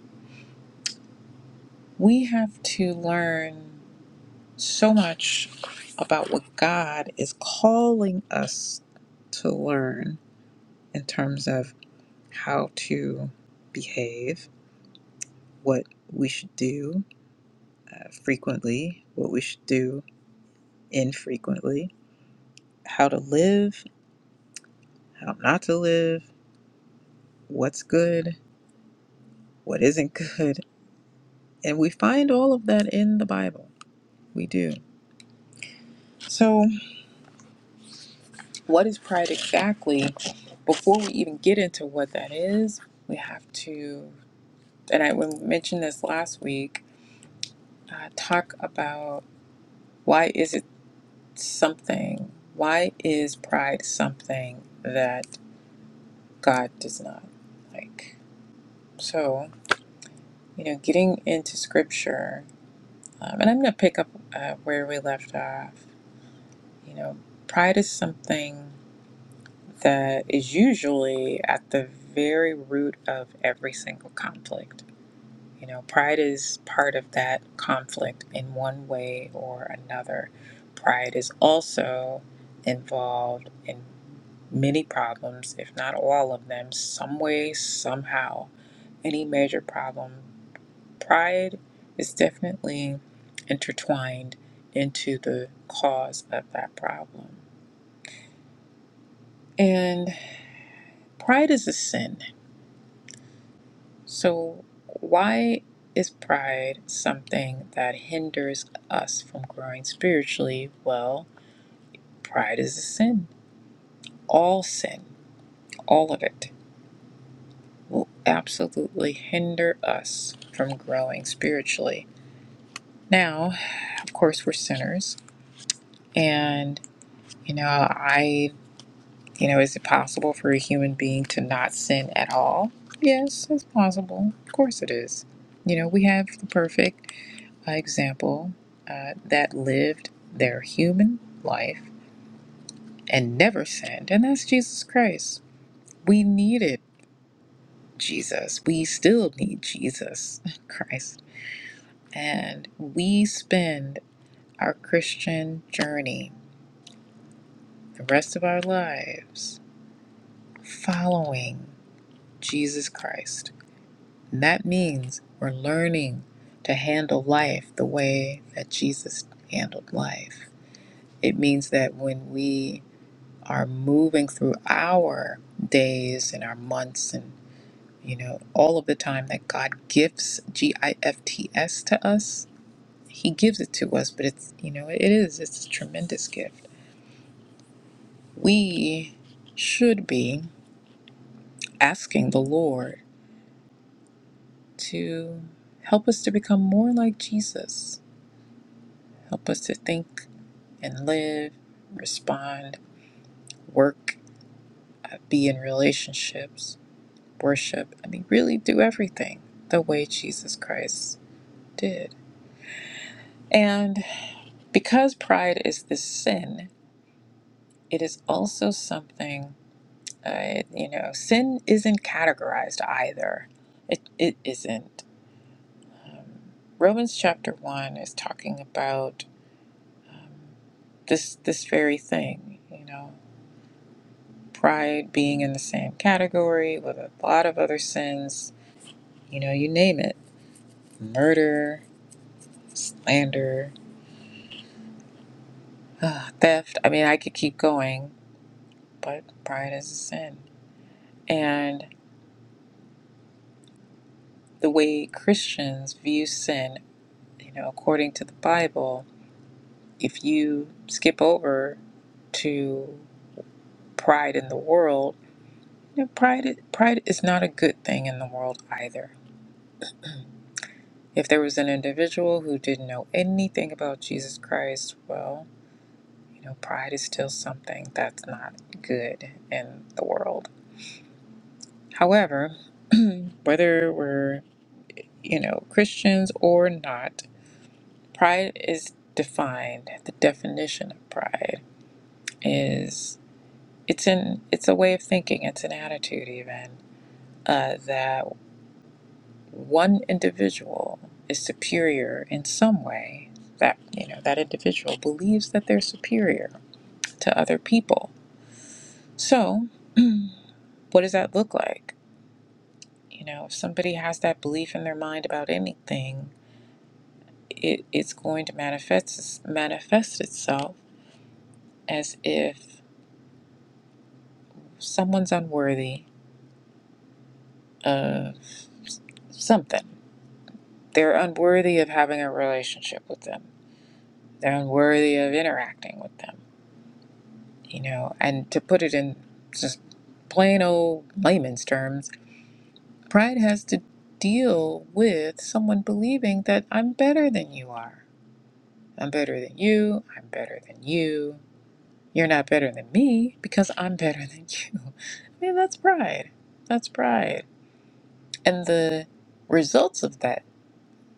Speaker 1: we have to learn so much about what God is calling us to learn in terms of how to behave, what we should do uh, frequently, what we should do infrequently, how to live, how not to live, what's good, what isn't good. And we find all of that in the Bible. We do. So, What is pride exactly? Before we even get into what that is, we have to, and I mentioned this last week, uh, talk about why is it something? Why is pride something that God does not like? So, you know, getting into scripture, um, and I'm going to pick up uh, where we left off. You know, pride is something that is usually at the very root of every single conflict You know, pride is part of that conflict in one way or another. Pride is also involved in many problems, if not all of them, some way, somehow. Any major problem, pride is definitely intertwined into the cause of that problem. And pride is a sin. So, why is pride something that hinders us from growing spiritually? Well, pride is a sin. All sin, all of it, will absolutely hinder us from growing spiritually. Now, of course, we're sinners, and you know, I, you know, is it possible for a human being to not sin at all? Yes, it's possible. Of course, it is. You know, we have the perfect. by example uh, that lived their human life and never sinned, and that's Jesus Christ. We needed Jesus. We still need Jesus Christ. And we spend our Christian journey, the rest of our lives, following Jesus Christ. And that means we're learning to handle life the way that Jesus handled life. It means that when we are moving through our days and our months and you know all of the time that god gifts g-i-f-t-s to us he gives it to us but it's you know it is it's a tremendous gift we should be asking the lord to help us to become more like jesus help us to think and live respond work uh, be in relationships worship and really do everything the way Jesus Christ did. And because pride is this sin, it is also something, uh, you know, sin isn't categorized either. It, it isn't. Um, Romans chapter 1 is talking about um, this, this very thing, you know, pride being in the same category with a lot of other sins, you know, you name it murder, slander, Ah, theft. I mean, I could keep going, but pride is a sin. And the way Christians view sin, you know, according to the Bible, if you skip over to pride in the world, you know, pride pride is not a good thing in the world either. If there was an individual who didn't know anything about Jesus Christ, well, you know, pride is still something that's not good in the world. However, whether we're you know, Christians or not, pride is defined. The definition of pride is it's an it's a way of thinking, it's an attitude even uh, that one individual is superior in some way. That you know that individual believes that they're superior to other people. So what does that look like? You know, if somebody has that belief in their mind about anything, it, it's going to manifest manifest itself as if someone's unworthy of something. They're unworthy of having a relationship with them. They're unworthy of interacting with them. You know, and to put it in just plain old layman's terms, pride has to deal with someone believing that I'm better than you are. I'm better than you. I'm better than you. You're not better than me because I'm better than you. I mean, that's pride. That's pride. And the results of that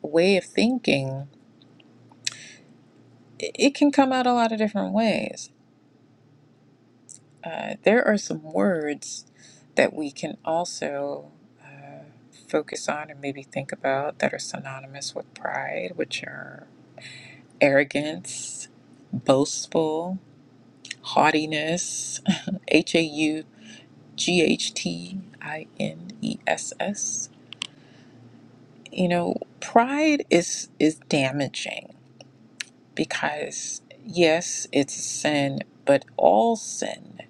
Speaker 1: way of thinking, it it can come out a lot of different ways. Uh, there are some words that we can also uh, focus on and maybe think about that are synonymous with pride, which are arrogance, boastful, haughtiness, H A U G H T I N E S S. You know, pride is is damaging because yes, it's a sin, but all sin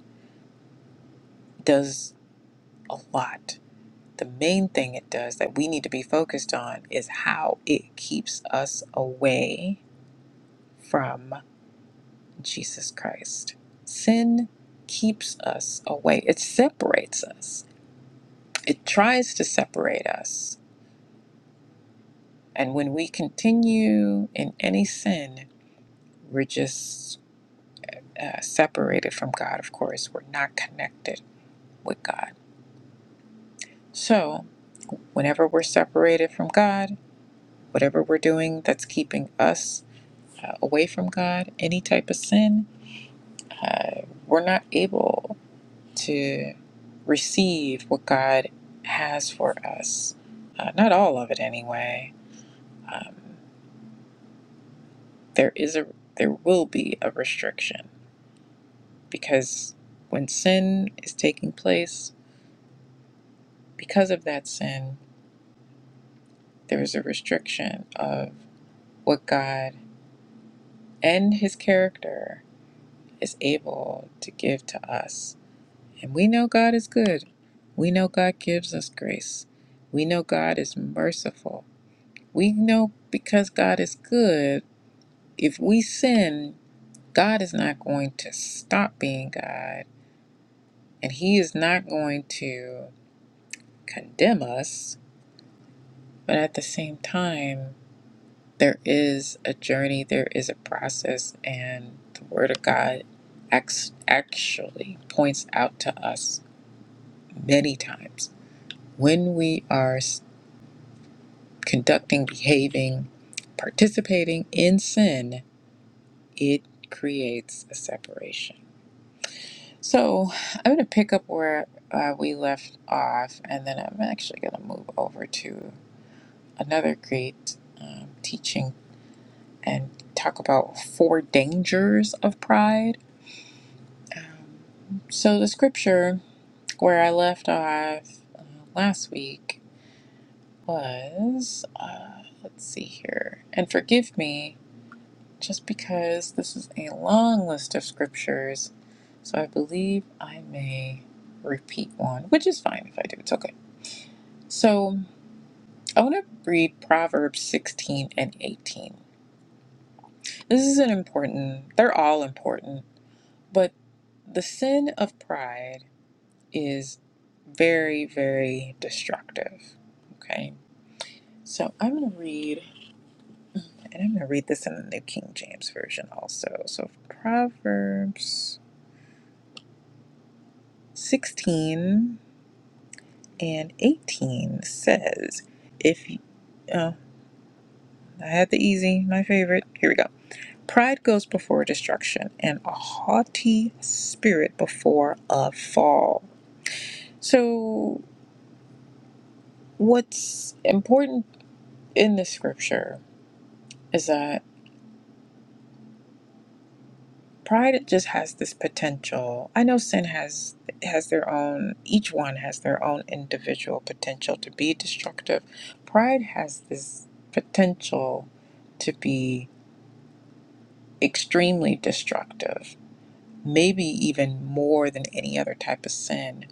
Speaker 1: does a lot. The main thing it does that we need to be focused on is how it keeps us away from Jesus Christ. Sin keeps us away, it separates us, it tries to separate us. And when we continue in any sin, we're just uh, separated from God, of course. We're not connected with God. So, Whenever we're separated from God, whatever we're doing that's keeping us uh, away from God, any type of sin, uh, we're not able to receive what God has for us. Uh, not all of it, anyway. Um, there is a there will be a restriction because when sin is taking place, because of that sin, there is a restriction of what God and His character is able to give to us. And we know God is good. We know God gives us grace. We know God is merciful. We know because God is good, if we sin, God is not going to stop being God and He is not going to condemn us. But at the same time, there is a journey, there is a process, and the Word of God act- actually points out to us many times When we are conducting, behaving, participating in sin, it creates a separation. So I'm going to pick up where uh, we left off, and then I'm actually going to move over to another great um, teaching and talk about four dangers of pride. So the scripture where I left off uh, last week was, uh, let's see here, and forgive me just because this is a long list of scriptures. So I believe I may repeat one, which is fine if I do. It's okay. So I want to read Proverbs 16 and 18. This is an important, they're all important, but the sin of pride is very, very destructive. Okay. So I'm going to read, and I'm going to read this in the New King James Version also. So Proverbs 16 and 18 says, If you, oh, I had the easy, my favorite. Here we go. Pride goes before destruction, and a haughty spirit before a fall. So, what's important in the scripture is that pride just has this potential. I know sin has has their own each one has their own individual potential to be destructive. Pride has this potential to be extremely destructive, maybe even more than any other type of sin.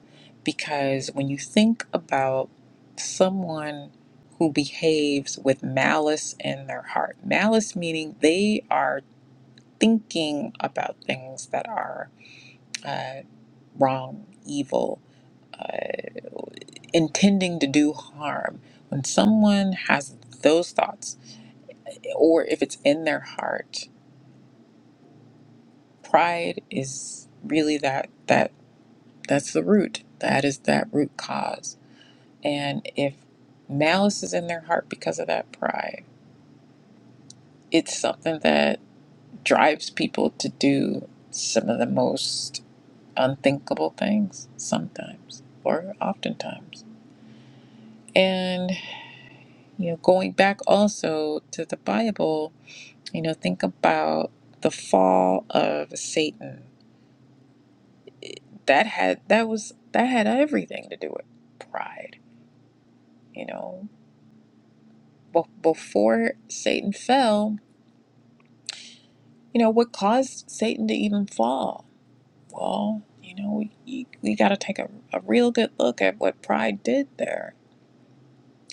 Speaker 1: Because when you think about someone who behaves with malice in their heart, malice meaning they are thinking about things that are uh, wrong, evil, uh, intending to do harm. When someone has those thoughts, or if it's in their heart, pride is really that that. That's the root. That is that root cause. And if malice is in their heart because of that pride, it's something that drives people to do some of the most unthinkable things sometimes or oftentimes. And, you know, going back also to the Bible, you know, think about the fall of Satan. That had that was that had everything to do with pride, you know. Be- before Satan fell, you know, what caused Satan to even fall? Well, you know, we, we got to take a, a real good look at what pride did there.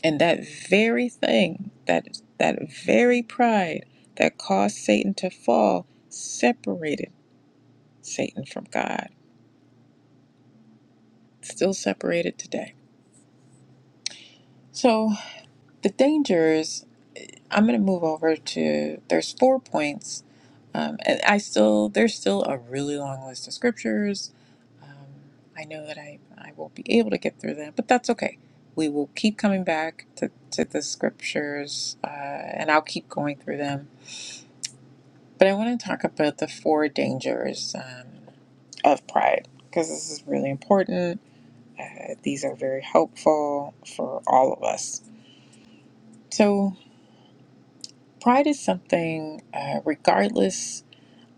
Speaker 1: And that very thing, that, that very pride that caused Satan to fall, separated Satan from God. Still separated today. So the dangers I'm going to move over to there's four points, um, and I still there's still a really long list of scriptures. Um, I know that I I won't be able to get through them, but that's okay. We will keep coming back to to the scriptures, uh, and I'll keep going through them. But I want to talk about the four dangers um, of pride because this is really important. Uh, these are very helpful for all of us. So pride is something, uh, regardless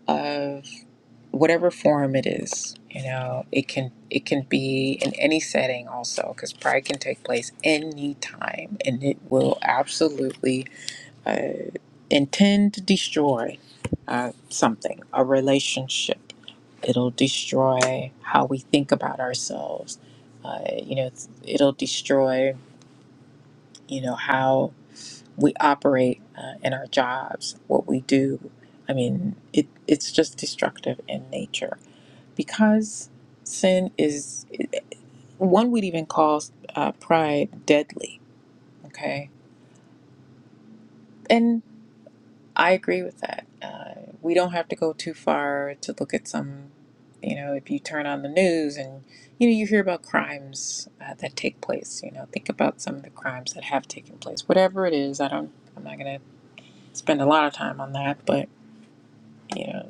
Speaker 1: of whatever form it is you know it can it can be in any setting also because pride can take place anytime and it will absolutely uh, intend to destroy uh, something a relationship it'll destroy how we think about ourselves uh, you know it's- it'll destroy you know how we operate uh, in our jobs, what we do. I mean, it, it's just destructive in nature because sin is, one would even call uh, pride deadly, okay? And I agree with that. Uh, we don't have to go too far to look at some, you know, if you turn on the news and, you know, you hear about crimes uh, that take place, you know, think about some of the crimes that have taken place. Whatever it is, I don't, I'm not going to spend a lot of time on that, but, you know.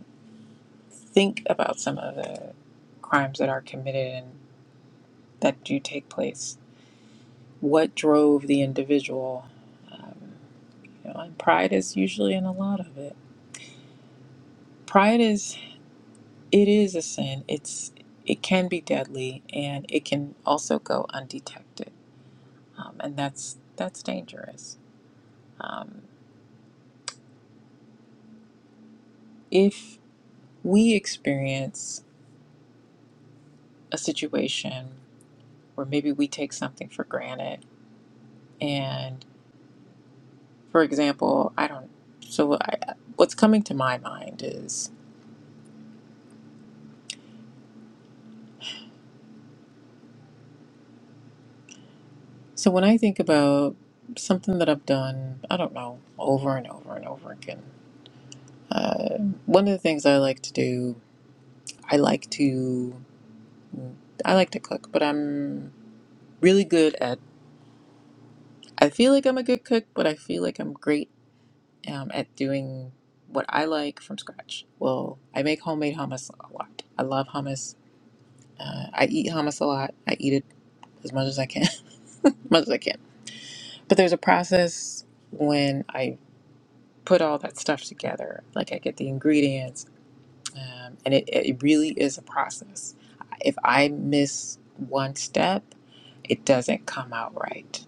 Speaker 1: think about some of the crimes that are committed and that do take place, what drove the individual, um, you know, and pride is usually in a lot of it. Pride is it is a sin. It's it can be deadly and it can also go undetected, um, and that's that's dangerous. Um, if we experience a situation where maybe we take something for granted and For example, I don't. So I, what's coming to my mind is so when I think about something that I've done, I don't know, over and over and over again. Uh, one of the things I like to do, I like to, I like to cook, but I'm really good at. I feel like I'm a good cook, but I feel like I'm great um, at doing what I like from scratch. Well, I make homemade hummus a lot. I love hummus. Uh, I eat hummus a lot. I eat it as much as I can, as much as I can. But there's a process when I put all that stuff together. Like I get the ingredients, um, and it, it really is a process. If I miss one step, it doesn't come out right.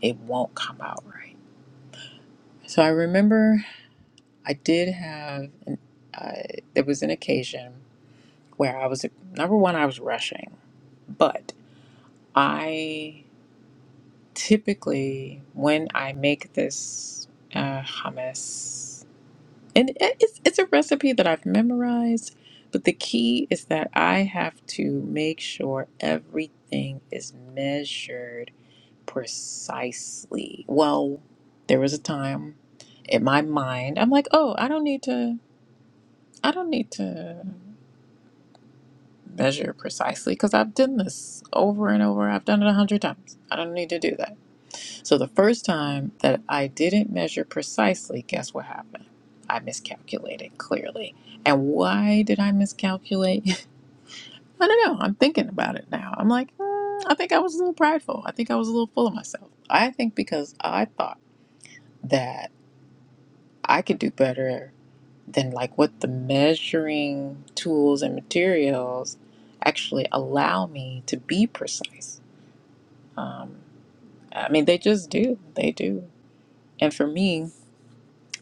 Speaker 1: It won't come out right. So I remember I did have, an, uh, there was an occasion where I was, number one, I was rushing, but I typically, when I make this uh, hummus, And it- it's, it's a recipe that I've memorized, but the key is that I have to make sure everything is measured precisely. Well, there was a time in my mind, I'm like, oh, I don't need to, I don't need to measure precisely because I've done this over and over. I've done it a hundred times. I don't need to do that. So the first time that I didn't measure precisely, guess what happened? I miscalculated clearly. And why did I miscalculate? I don't know. I'm thinking about it now. I'm like, "Hmm, I think I was a little prideful. I think I was a little full of myself. I think because I thought that I could do better then like what the measuring tools and materials actually allow me to be precise um, i mean they just do they do and for me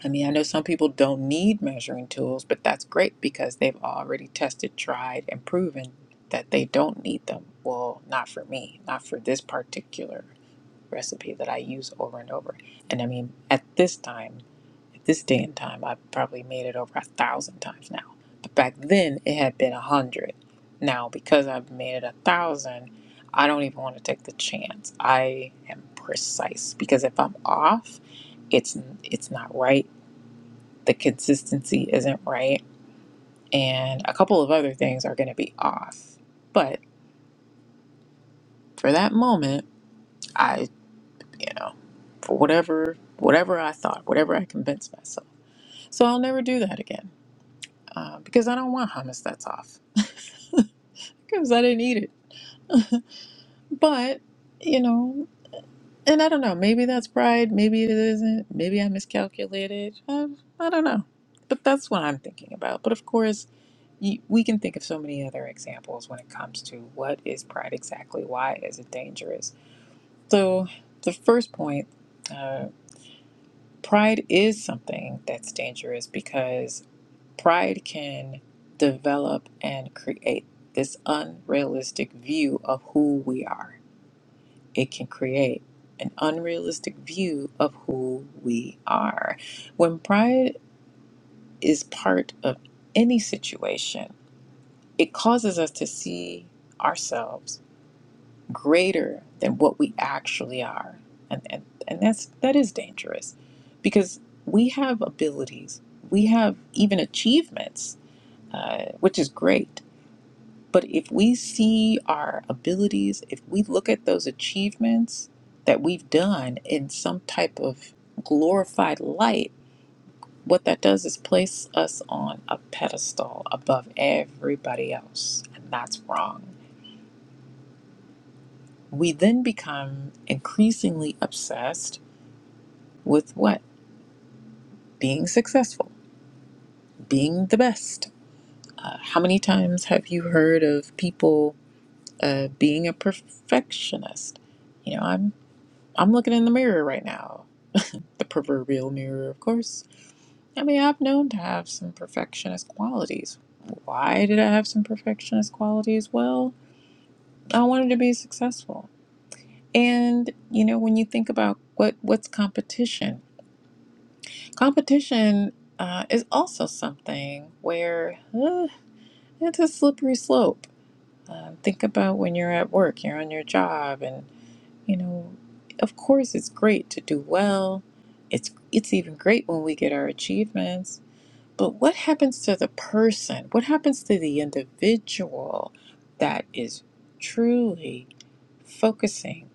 Speaker 1: i mean i know some people don't need measuring tools but that's great because they've already tested tried and proven that they don't need them well not for me not for this particular recipe that I use over and over. And I mean, at this time, at this day and time, I've probably made it over a thousand times now. But back then, it had been a hundred. Now, because I've made it a thousand, I don't even want to take the chance. I am precise because if I'm off, it's it's not right. The consistency isn't right, and a couple of other things are going to be off. But for that moment, I. you know, for whatever whatever I thought, whatever I convinced myself. So I'll never do that again uh, because I don't want hummus that's off because I didn't eat it. But you know, and I don't know. Maybe that's pride. Maybe it isn't. Maybe I miscalculated. I, I don't know. But that's what I'm thinking about. But of course, you, we can think of so many other examples when it comes to what is pride exactly. Why is it dangerous? So the first point. Uh, pride is something that's dangerous because Pride can develop and create this unrealistic view of who we are. It can create an unrealistic view of who we are. When pride is part of any situation, it causes us to see ourselves greater than what we actually are. And, and, and that's that is dangerous because we have abilities, we have even achievements, uh, which is great But if we see our abilities, if we look at those achievements that we've done in some type of glorified light, what that does is place us on a pedestal above everybody else. And that's wrong. We then become increasingly obsessed with what? Being successful, being the best. Uh, how many times have you heard of people uh, being a perfectionist? You know, I'm I'm looking in the mirror right now. The proverbial mirror, of course. I mean, I've known to have some perfectionist qualities. Why did I have some perfectionist qualities? Well, I wanted to be successful. And, you know, when you think about what what's competition, competition uh, is also something where uh, it's a slippery slope. Uh, think about when you're at work, you're on your job, and. You know, of course it's great to do well. It's it's even great when we get our achievements. But what happens to the person? What happens to the individual that is truly focusing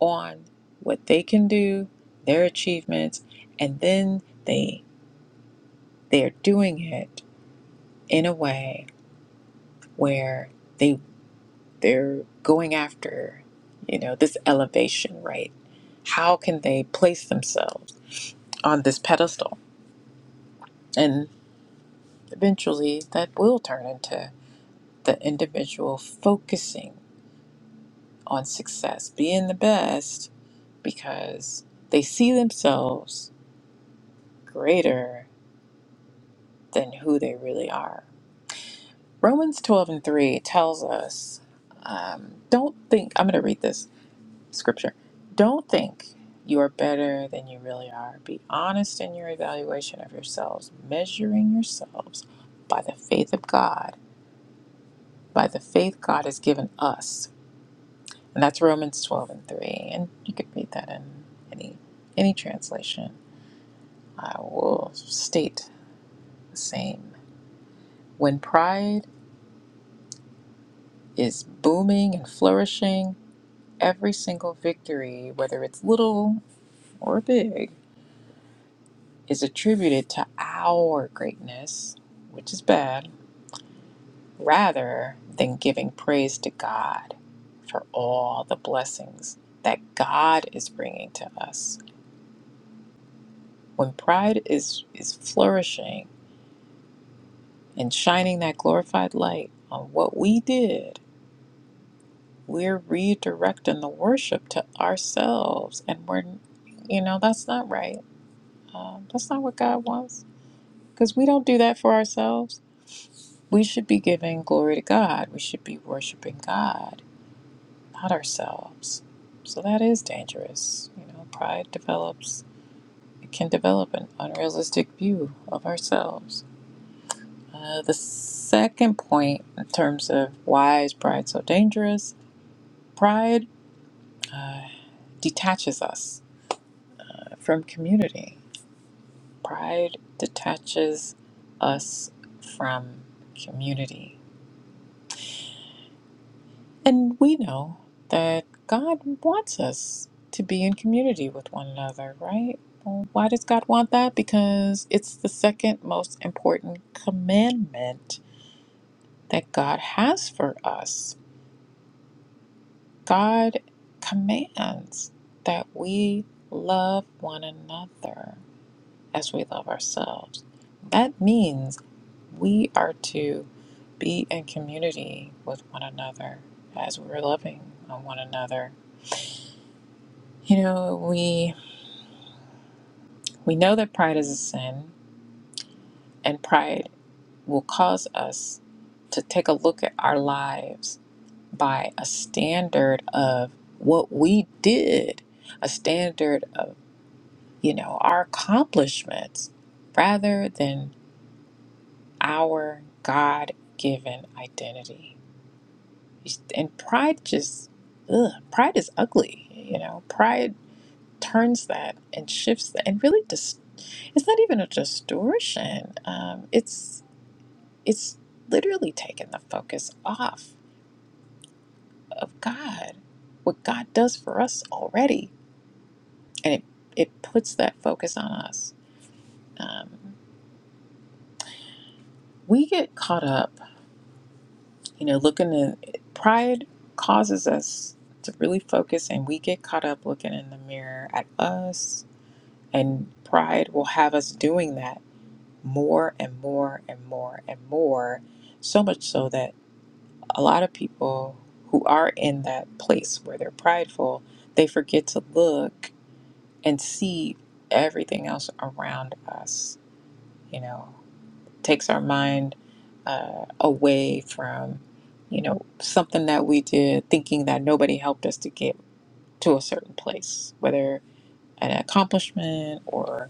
Speaker 1: on what they can do, their achievements, and then they they're doing it in a way where they they're going after, you know, this elevation, right? How can they place themselves? on this pedestal. And eventually that will turn into the individual focusing on success, being the best, because they see themselves greater than who they really are. Romans 12 and 3 tells us um, don't think, I'm going to read this scripture. Don't think you are better than you really are. Be honest in your evaluation of yourselves, measuring yourselves by the faith of God by the faith God has given us. And that's Romans 12 and 3. And you could read that in any, any translation. I will state the same. When pride is booming and flourishing, every single victory, whether it's little or big, is attributed to our greatness, which is bad, rather than giving praise to God for all the blessings that God is bringing to us. When pride is, is flourishing and shining that glorified light on what we did, we're redirecting the worship to ourselves. And we're, you know, that's not right. Um, that's not what God wants because we don't do that for ourselves. We should be giving glory to God, we should be worshiping God, not ourselves. So that is dangerous. You know, pride develops, it can develop an unrealistic view of ourselves. Uh, the second point, in terms of why is pride so dangerous, pride uh, detaches us from community. Pride detaches us from community. And we know that God wants us to be in community with one another, right? Well, why does God want that? Because it's the second most important commandment that God has for us God commands that we love one another as we love ourselves. That means we are to be in community with one another as we're loving on one another. You know, we we know that pride is a sin and pride will cause us to take a look at our lives by a standard of what we did, a standard of you know, our accomplishments rather than our God given identity. And pride just, ugh, pride is ugly, you know, pride turns that and shifts that and really dis- it's not even a distortion um, it's it's literally taking the focus off of god what god does for us already and it it puts that focus on us um, we get caught up You know, looking at pride causes us to really focus and we get caught up looking in the mirror at us. And pride will have us doing that more and more and more and more. So much so that a lot of people who are in that place where they're prideful, they forget to look and see everything else around us, you know takes our mind uh, away from you know something that we did thinking that nobody helped us to get to a certain place whether an accomplishment or a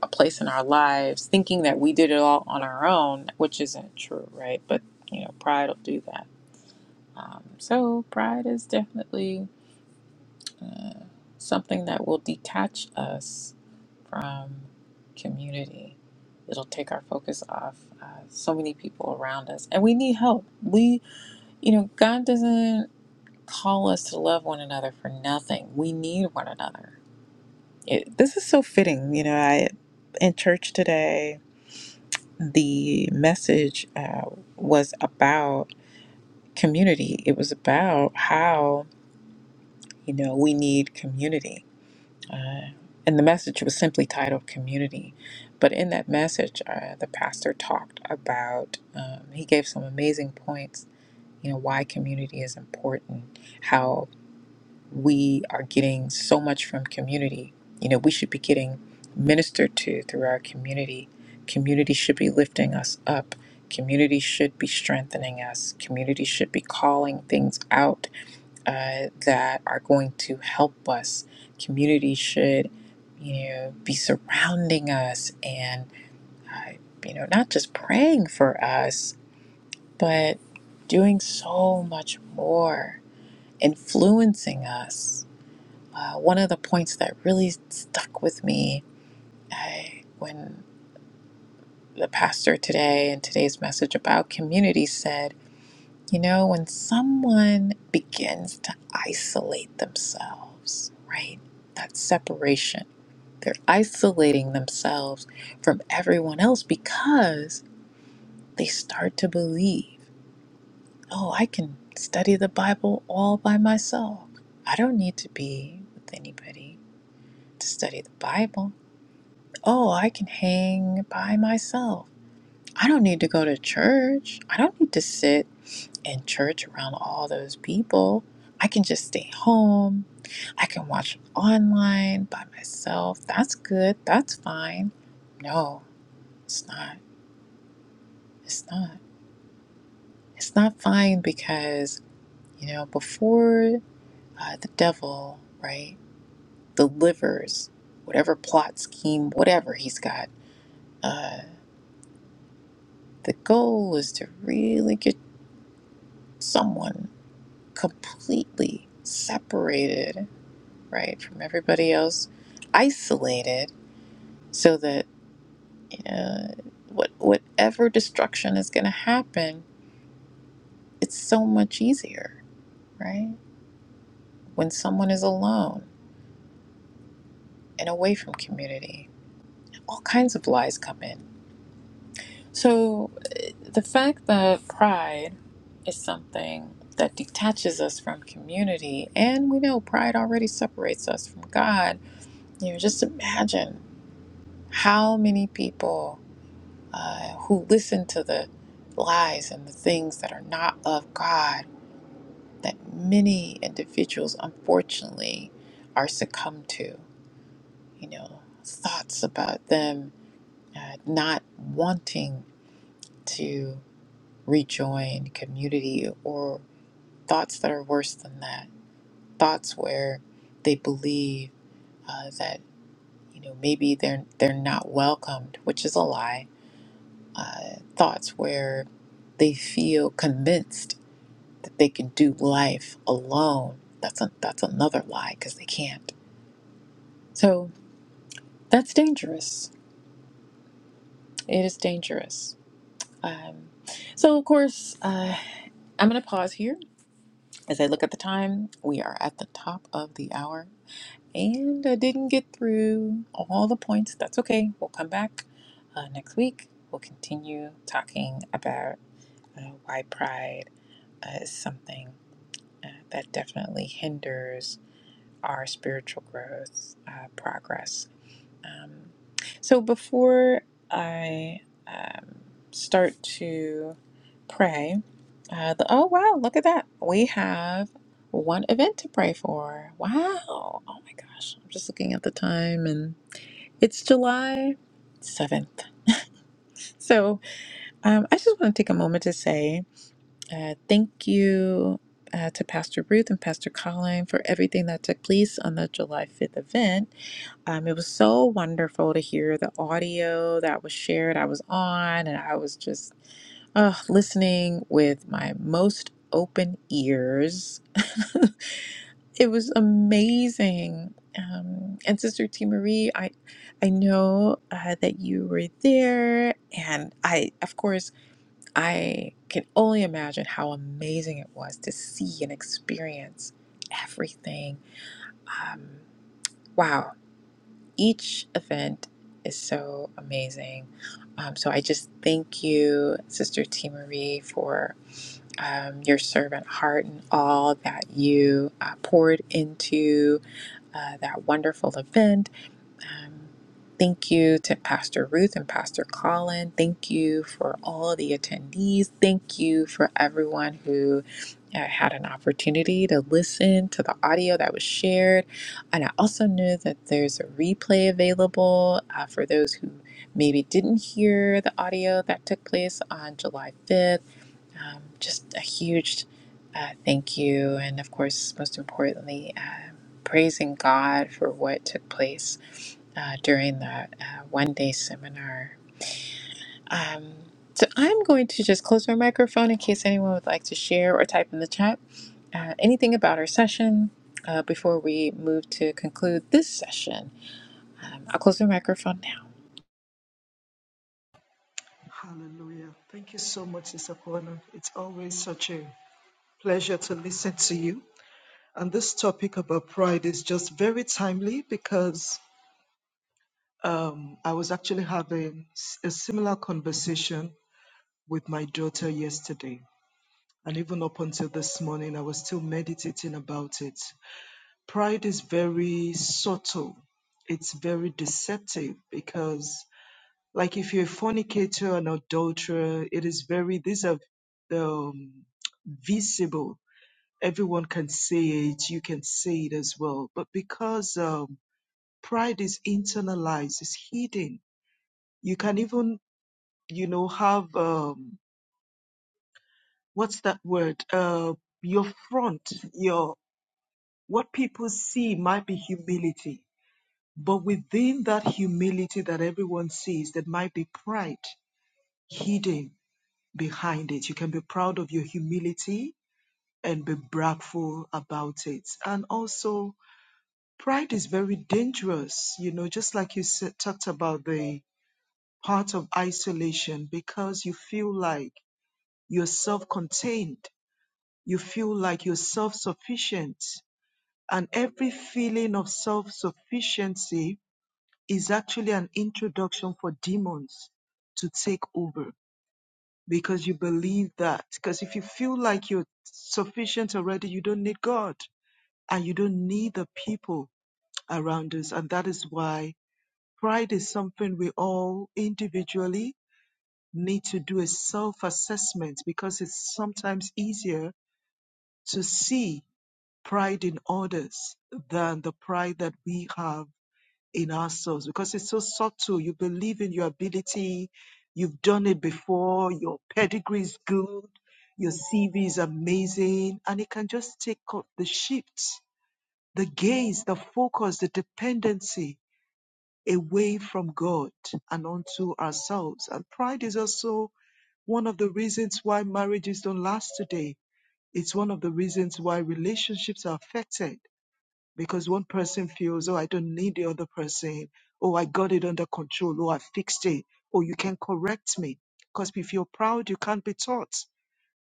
Speaker 1: a place in our lives thinking that we did it all on our own which isn't true right but you know pride will do that um, so pride is definitely uh, something that will detach us from community. It'll take our focus off uh, so many people around us. And we need help. We, you know, God doesn't call us to love one another for nothing. We need one another. It, this is so fitting. You know, I in church today, the message uh, was about community, it was about how, you know, we need community Uh, and the message was simply titled Community. But in that message, uh, the pastor talked about, um, he gave some amazing points, you know, why community is important, how we are getting so much from community. You know, we should be getting ministered to through our community. Community should be lifting us up. Community should be strengthening us. Community should be calling things out uh, that are going to help us. Community should, you know, be surrounding us and, uh, you know, not just praying for us, but doing so much more, influencing us. Uh, one of the points that really stuck with me uh, when the pastor today in today's message about community said, You know, when someone begins to isolate themselves, right? That separation, they're isolating themselves from everyone else because they start to believe, oh, I can study the Bible all by myself. I don't need to be with anybody to study the Bible. Oh, I can hang by myself. I don't need to go to church. I don't need to sit in church around all those people. I can just stay home. I can watch online by myself. That's good. That's fine. No, it's not. It's not. It's not fine because, you know, before uh, the devil, right, delivers whatever plot, scheme, whatever he's got, uh, the goal is to really get someone completely separated right, from everybody else, isolated, so that uh, what whatever destruction is going to happen, it's so much easier, right? When someone is alone and away from community, all kinds of lies come in. So uh, the fact that pride is something that detaches us from community, and we know pride already separates us from God. You know, just imagine how many people uh, who listen to the lies and the things that are not of God that many individuals unfortunately are succumbed to. You know, thoughts about them uh, not wanting to rejoin community or thoughts that are worse than that. Thoughts where they believe uh, that you know maybe they're they're not welcomed, which is a lie. Uh, thoughts where they feel convinced that they can do life alone. That's a, that's another lie because they can't. So that's dangerous. It is dangerous. Um, so of course, uh, I'm going to pause here as I look at the time. We are at the top of the hour, and I didn't get through all the points. That's okay. We'll come back uh, next week. We'll continue talking about uh, why pride uh, is something uh, that definitely hinders our spiritual growth uh, progress. Um, so before I um, start to pray, uh, the, oh wow, look at that. We have one event to pray for. Wow. Oh my gosh. I'm just looking at the time and it's July 7th. So um, I just want to take a moment to say uh, thank you uh, to Pastor Ruth and Pastor Colin for everything that took place on the July 5th event um, it was so wonderful to hear the audio that was shared. I was on and I was just uh, listening with my most open ears. it was amazing. Um, and Sister T. Marie, I, I know uh, that you were there, and I, of course, I can only imagine how amazing it was to see and experience everything. Um, wow, each event is so amazing. Um, so I just thank you, Sister T. Marie, for um, your servant heart and all that you uh, poured into uh, that wonderful event um, thank you to Pastor Ruth and Pastor Colin. Thank you for all the attendees. Thank you for everyone who uh, had an opportunity to listen to the audio that was shared. And I also know that there's a replay available uh, for those who maybe didn't hear the audio that took place on July 5th um, just a huge uh, thank you, and of course, most importantly, uh, praising God for what took place uh, during the uh, one day seminar. Um, so I'm going to just close my microphone in case anyone would like to share or type in the chat uh, anything about our session uh, before we move to conclude this session. Um, I'll close my microphone now.
Speaker 4: Hallelujah. Thank you so much, Sister Paula. It's always such a pleasure to listen to you. And this topic about pride is just very timely because um, I was actually having s- a similar conversation with my daughter yesterday. And even up until this morning, I was still meditating about it. Pride is very subtle, it's very deceptive because Like if you're a fornicator, an adulterer, it is very, these are um, visible. Everyone can see it. You can see it as well. But because um, pride is internalized, it's hidden. You can even, you know, have um, what's that word? Uh, your front, your what people see might be humility, but within that humility that everyone sees, there might be pride hidden behind it. You can be proud of your humility and be bragful about it. And also, pride is very dangerous, you know, just like you said, talked about the part of isolation because you feel like you're self contained, you feel like you're self sufficient. And every feeling of self sufficiency is actually an introduction for demons to take over because you believe that. Because if you feel like you're sufficient already, you don't need God and you don't need the people around us. And that is why pride is something we all individually need to do a self assessment because it's sometimes easier to see pride in others than the pride that we have in our souls because it's so subtle. You believe in your ability. You've done it before. Your pedigree is good. Your CV is amazing. And it can just take off the shift, the gaze, the focus, the dependency away from God and onto ourselves. And pride is also one of the reasons why marriages don't last today. It's one of the reasons why relationships are affected because one person feels, oh, I don't need the other person. Oh, I got it under control. Oh, I fixed it. Oh, you can correct me. Because if you're proud, you can't be taught.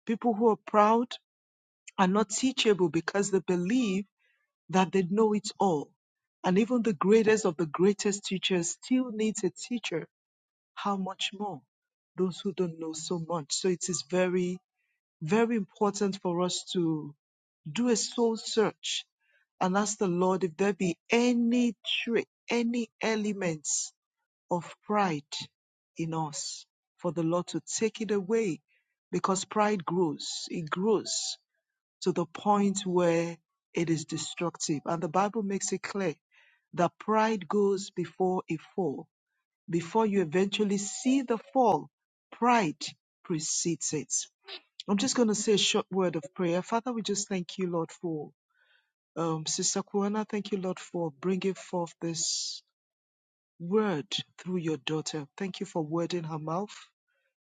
Speaker 4: People who are proud are not teachable because they believe that they know it all. And even the greatest of the greatest teachers still needs a teacher. How much more? Those who don't know so much. So it is very very important for us to do a soul search and ask the Lord if there be any trait, any elements of pride in us, for the Lord to take it away because pride grows. It grows to the point where it is destructive. And the Bible makes it clear that pride goes before a fall. Before you eventually see the fall, pride precedes it. I'm just going to say a short word of prayer. Father, we just thank you, Lord, for um, Sister Kuana. Thank you, Lord, for bringing forth this word through your daughter. Thank you for word in her mouth.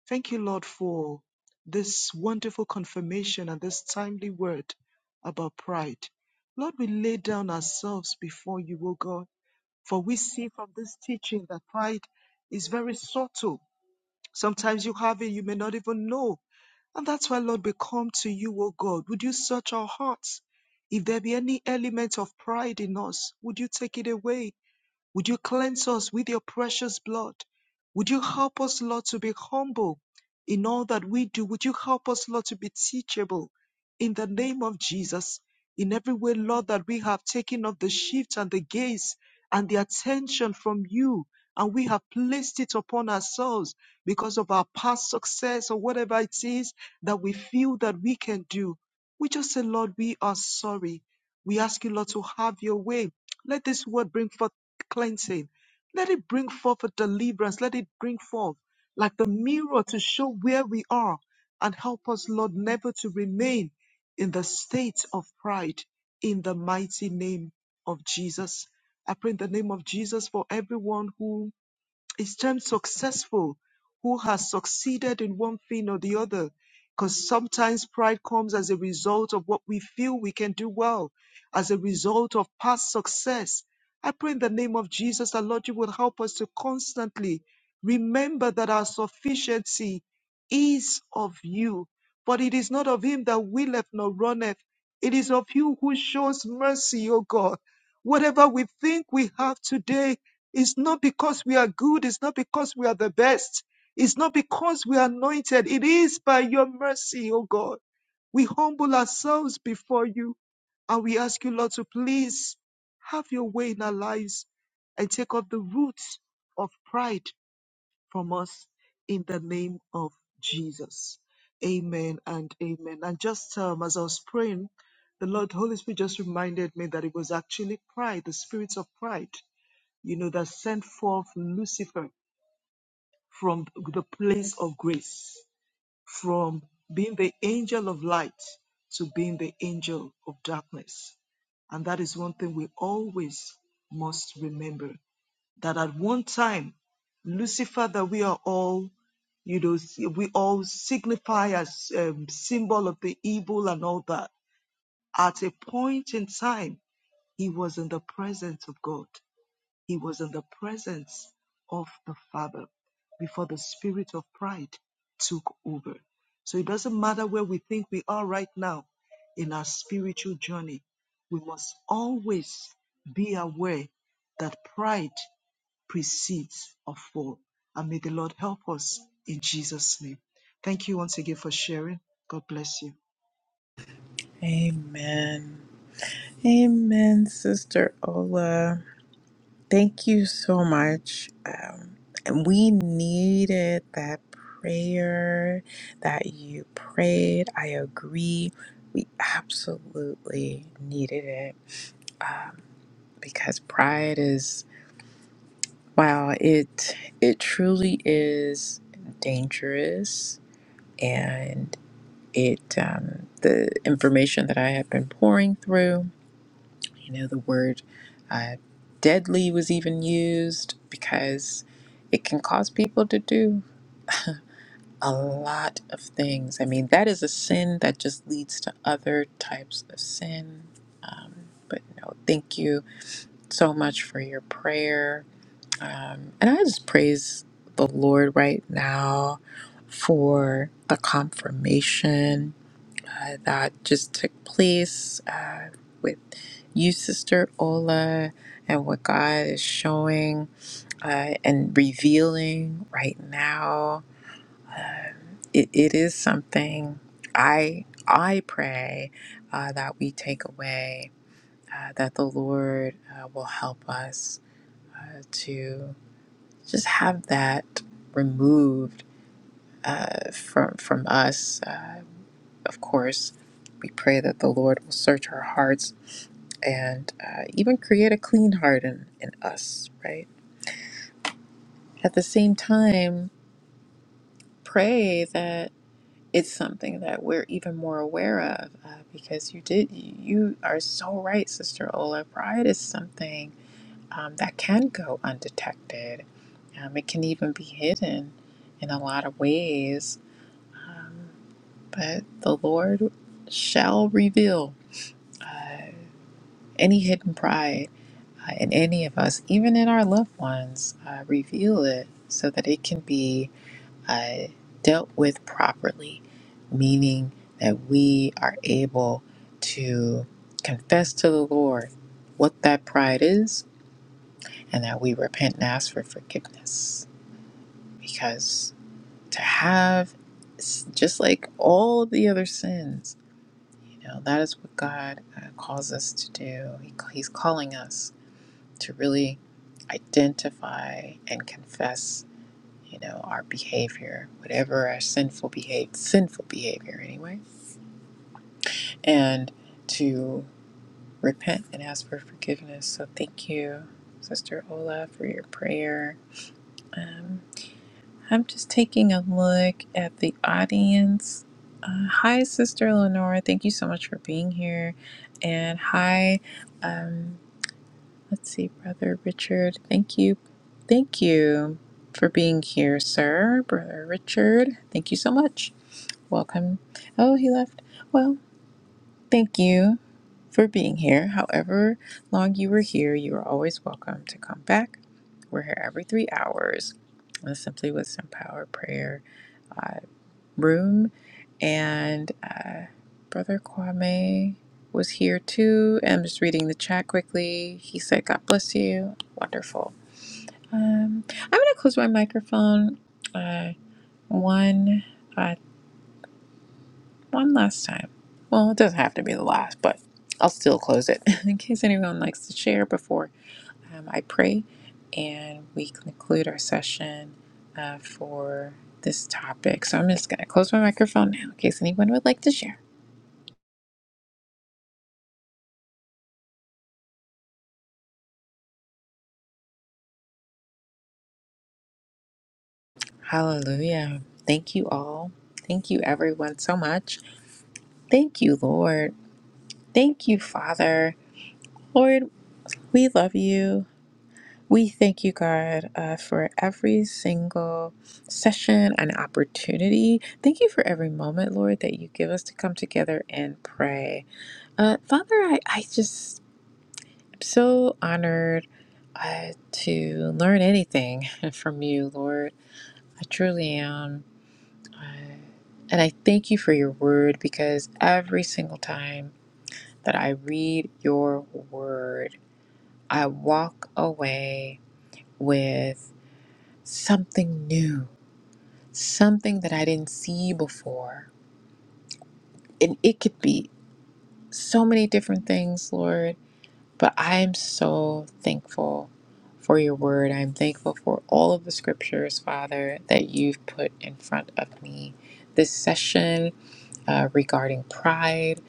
Speaker 4: Thank you, Lord, for this wonderful confirmation and this timely word about pride. Lord, we lay down ourselves before you, O God, for we see from this teaching that pride is very subtle. Sometimes you have it, you may not even know and that's why, Lord, we come to you, O God. Would you search our hearts? If there be any element of pride in us, would you take it away? Would you cleanse us with your precious blood? Would you help us, Lord, to be humble in all that we do? Would you help us, Lord, to be teachable in the name of Jesus? In every way, Lord, that we have taken off the shift and the gaze and the attention from you, and we have placed it upon ourselves because of our past success or whatever it is that we feel that we can do. We just say, Lord, we are sorry. We ask you, Lord, to have your way. Let this word bring forth cleansing. Let it bring forth a deliverance. Let it bring forth like the mirror to show where we are and help us, Lord, never to remain in the state of pride in the mighty name of Jesus. I pray in the name of Jesus for everyone who is termed successful who has succeeded in one thing or the other. Because sometimes pride comes as a result of what we feel we can do well, as a result of past success. I pray in the name of Jesus that Lord, you will help us to constantly remember that our sufficiency is of you, but it is not of him that willeth nor runneth. It is of you who shows mercy, O God. Whatever we think we have today, it's not because we are good. It's not because we are the best. It's not because we are anointed. It is by your mercy, O God. We humble ourselves before you and we ask you, Lord, to please have your way in our lives and take off the roots of pride from us in the name of Jesus. Amen and amen. And just um, as I was praying, the Lord Holy Spirit just reminded me that it was actually pride, the spirit of pride you know, that sent forth Lucifer from the place of grace, from being the angel of light to being the angel of darkness. And that is one thing we always must remember that at one time, Lucifer, that we are all, you know, we all signify as um, symbol of the evil and all that. At a point in time, he was in the presence of God he was in the presence of the Father before the spirit of pride took over. So it doesn't matter where we think we are right now in our spiritual journey, we must always be aware that pride precedes a fall. And may the Lord help us in Jesus' name. Thank you once again for sharing. God bless you.
Speaker 1: Amen. Amen, Sister Ola. Thank you so much. Um, and we needed that prayer that you prayed. I agree. We absolutely needed it um, because pride is wow. It it truly is dangerous, and it um, the information that I have been pouring through. You know, the word uh, deadly was even used because it can cause people to do a lot of things. I mean, that is a sin that just leads to other types of sin. Um, but no, thank you so much for your prayer. Um, and I just praise the Lord right now for the confirmation uh, that just took place. Uh, with you, Sister Ola, and what God is showing uh, and revealing right now. Uh, It, it is something I I pray uh, that we take away uh, that the Lord uh, will help us uh, to just have that removed uh, from from us. Uh, of course, we pray that the Lord will search our hearts and uh, even create a clean heart in, in us, right? At the same time, pray that it's something that we're even more aware of uh, because you did, you are so right, Sister Ola. Pride is something um, that can go undetected, um, it can even be hidden in a lot of ways. Um, but the Lord shall reveal uh, any hidden pride uh, in any of us, even in our loved ones, uh, reveal it so that it can be. uh, dealt with properly, meaning that we are able to confess to the Lord what that pride is and that we repent and ask for forgiveness. Because to have, s- just like all the other sins, you know, that is what God uh, calls us to do. He, He's calling us to really identify and confess you know, our behavior, whatever our sinful behavior, sinful behavior anyway, and to repent and ask for forgiveness. So thank you, Sister Ola, for your prayer. Um, I'm just taking a look at the audience. Uh, hi, Sister Lenore. Thank you so much for being here. And hi, um, let's see, Brother Richard. Thank you. Thank you for being here, sir. Brother Richard, thank you so much. Welcome. Oh, he left. Well, thank you for being here. However long you were here, you are always welcome to come back. We're here every three hours. uh, Simply with some power prayer uh, room. And uh, Brother Kwame was here too. I'm just reading the chat quickly. He said, God bless you. Wonderful. Um, I'm going to close my microphone. Uh, one. uh, one last time. Well, it doesn't have to be the last, but I'll still close it in case anyone likes to share before um, I pray and we conclude our session uh, for this topic. So I'm just going to close my microphone now in case anyone would like to share. Hallelujah. Thank you all. Thank you, everyone, so much. Thank you, Lord. Thank you, Father. Lord, we love you. We thank you, God, uh, for every single session and opportunity. Thank you for every moment, Lord, that you give us to come together and pray. Uh, Father, I, I just am so honored uh, to learn anything from you, Lord. I truly am. Uh, and I thank you for your word because every single time that I read your word, I walk away with something new something that I didn't see before. And it could be so many different things, Lord, but I am so thankful for your word. I'm thankful for all of the scriptures, Father, that you've put in front of me this session uh, regarding pride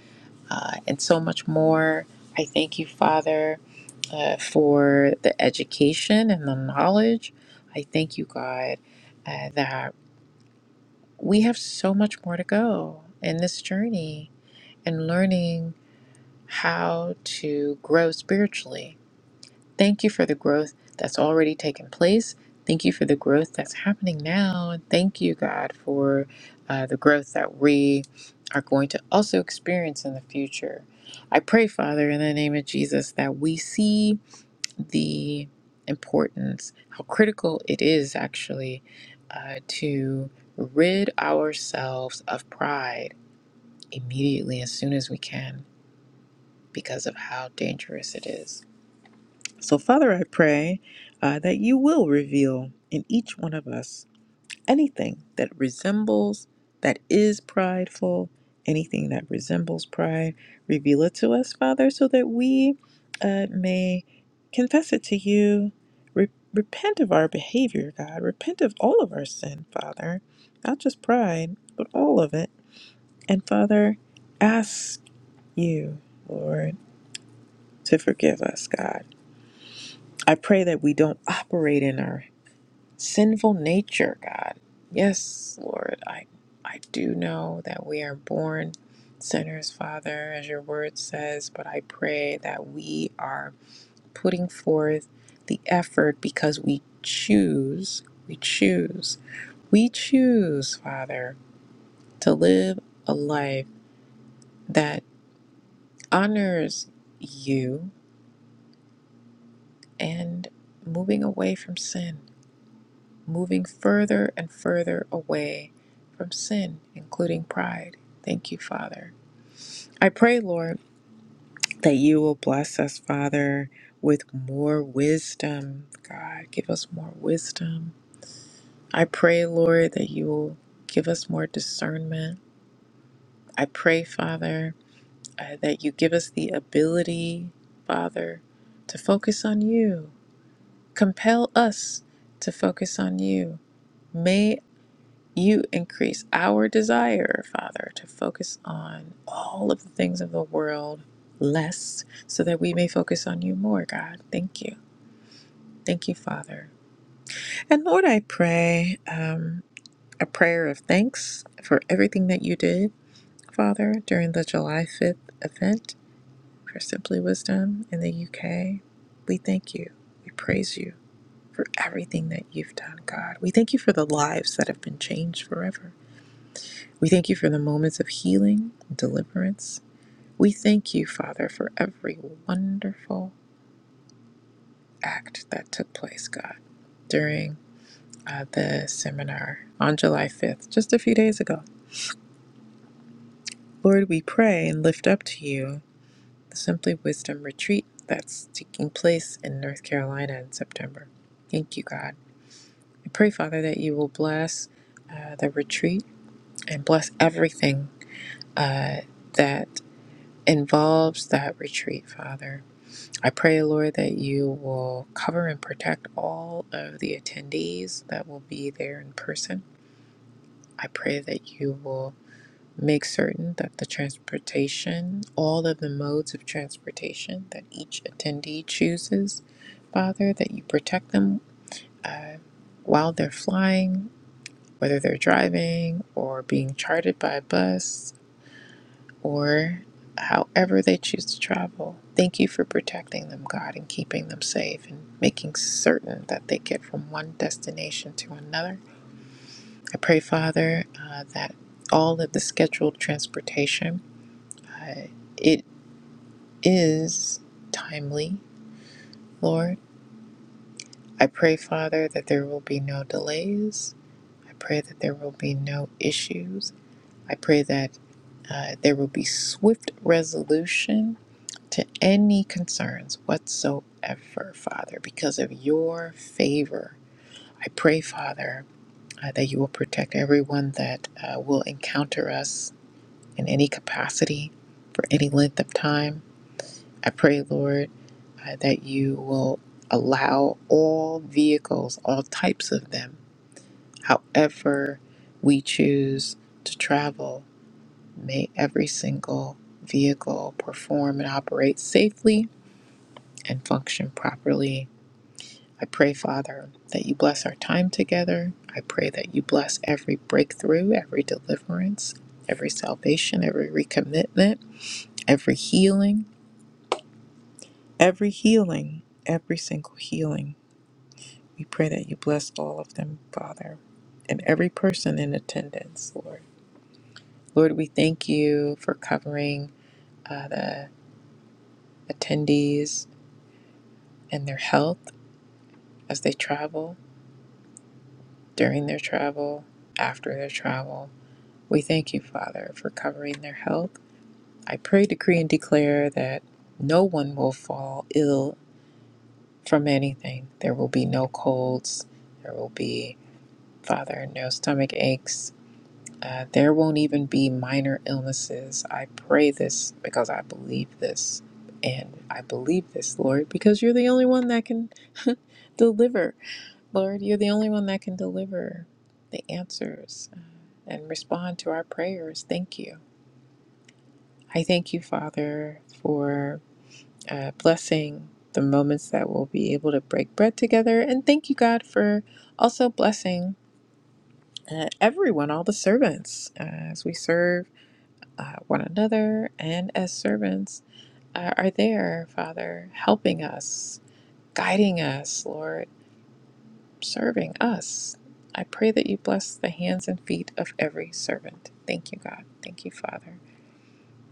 Speaker 1: uh, and so much more. I thank you, Father, uh, for the education and the knowledge. I thank you, God, uh, that. we have so much more to go in this journey and learning how to grow spiritually. Thank you for the growth that's already taken place. Thank you for the growth that's happening now. And thank you, God, for uh, the growth that we are going to also experience in the future. I pray, Father, in the name of Jesus, that we see the importance, how critical it is actually uh, to rid ourselves of pride immediately as soon as we can because of how dangerous it is. So, Father, I pray uh, that you will reveal in each one of us anything that resembles, that is prideful, anything that resembles pride, reveal it to us, Father, so that we uh, may confess it to you, re- repent of our behavior, God, repent of all of our sin, Father, not just pride, but all of it. And Father, ask you, Lord, to forgive us, God. I pray that we don't operate in our sinful nature, God. Yes, Lord, I I do know that we are born sinners, Father, as your word says, but I pray that we are putting forth the effort because we choose, we choose, we choose, Father, to live a life that honors you and moving away from sin. moving further and further away from sin, including pride. Thank you, Father. I pray, Lord, that you will bless us, Father, with more wisdom. God, give us more wisdom. I pray, Lord, that you will give us more discernment. I pray, Father, uh, that you give us the ability, Father, to focus on you. Compel us to focus on you. May. you increase our desire, Father, to focus on all of the things of the world less so that we may focus on you more, God. Thank you. Thank you, Father. And Lord, I pray um, a prayer of thanks for everything that you did, Father, during the July 5th event for Simply Wisdom in the UK. We thank you. We praise you for everything that you've done, God. We thank you for the lives that have been changed forever. We thank you for the moments of healing, and deliverance. We thank you, Father, for every wonderful act that took place, God, during uh, the seminar on July 5th, just a few days ago. Lord, we pray and lift up to you the Simply Wisdom retreat that's taking place in North Carolina in September. Thank you, God. I pray, Father, that you will bless uh, the retreat and bless everything uh, that involves that retreat, Father. I pray, Lord, that you will cover and protect all of the attendees that will be there in person. I pray that you will make certain that the transportation, all of the modes of transportation that each attendee chooses, Father, that you protect them while they're flying, whether they're driving or being chartered by a bus, or however they choose to travel. Thank you for protecting them, God, and keeping them safe and making certain that they get from one destination to another. I pray, Father, uh, that all of the scheduled transportation, uh, it is timely, Lord. I pray, Father, that there will be no delays. I pray that there will be no issues. I pray that uh, there will be swift resolution to any concerns whatsoever, Father, because of your favor. I pray, Father, uh, that you will protect everyone that uh, will encounter us in any capacity for any length of time. I pray, Lord, uh, that you will allow all vehicles, all types of them, however we choose to travel, may every single vehicle perform and operate safely and function properly I pray, Father, that you bless our time together. I pray that you bless every breakthrough, every deliverance, every salvation, every recommitment, every healing, every healing, every single healing. We pray that you bless all of them, Father, and every person in attendance, Lord. Lord, we thank you for covering uh, the attendees and their health as they travel, during their travel, after their travel. We thank you, Father, for covering their health. I pray, decree, and declare that no one will fall ill from anything. There will be no colds. There will be, Father, no stomach aches. Uh, there won't even be minor illnesses. I pray this because I believe this. And I believe this, Lord, because you're the only one that can deliver. Lord, you're the only one that can deliver the answers and respond to our prayers. Thank you. I thank you, Father, for uh, blessing the moments that we'll be able to break bread together. And thank you, God, for also blessing uh, everyone, all the servants, uh, as we serve uh, one another and as servants uh, are there, Father, helping us, guiding us, Lord, serving us. I pray that you bless the hands and feet of every servant. Thank you, God. Thank you, Father.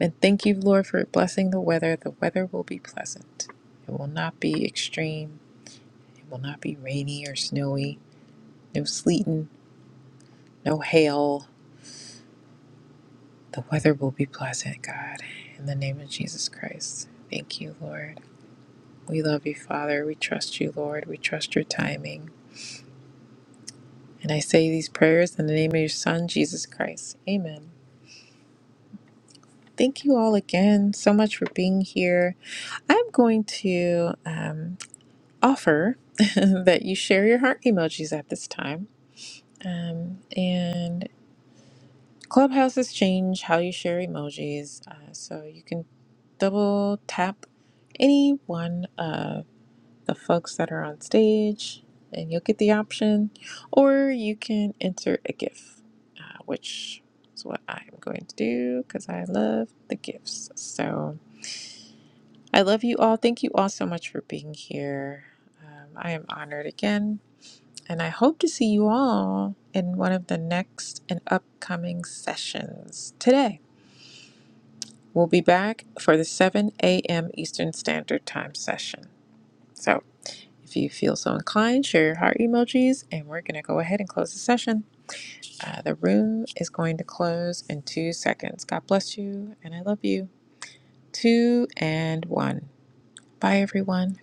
Speaker 1: And thank you, Lord, for blessing the weather. The weather will be pleasant. It will not be extreme. It will not be rainy or snowy. No sleeting, no hail. The weather will be pleasant, God. In the name of Jesus Christ. Thank you, Lord. We love you, Father. We trust you, Lord. We trust your timing. And I say these prayers in the name of your Son, Jesus Christ. Amen. Thank you all again so much for being here. I'm going to. Um, offer that you share your heart emojis at this time. Um, and clubhouses change how you share emojis, uh, so you can double tap any one of the folks that are on stage, and you'll get the option, or you can enter a GIF, uh, which is what I'm going to do because I love the GIFs. So I love you all. Thank you all so much for being here. Um, I am honored again And I hope to see you all in one of the next and upcoming sessions today. We'll be back for the 7 a.m. Eastern Standard Time session. So if you feel so inclined, share your heart emojis, and we're going to go ahead and close the session. Uh, the room is going to close in two seconds. God bless you, and I love you. Two and one. Bye, everyone.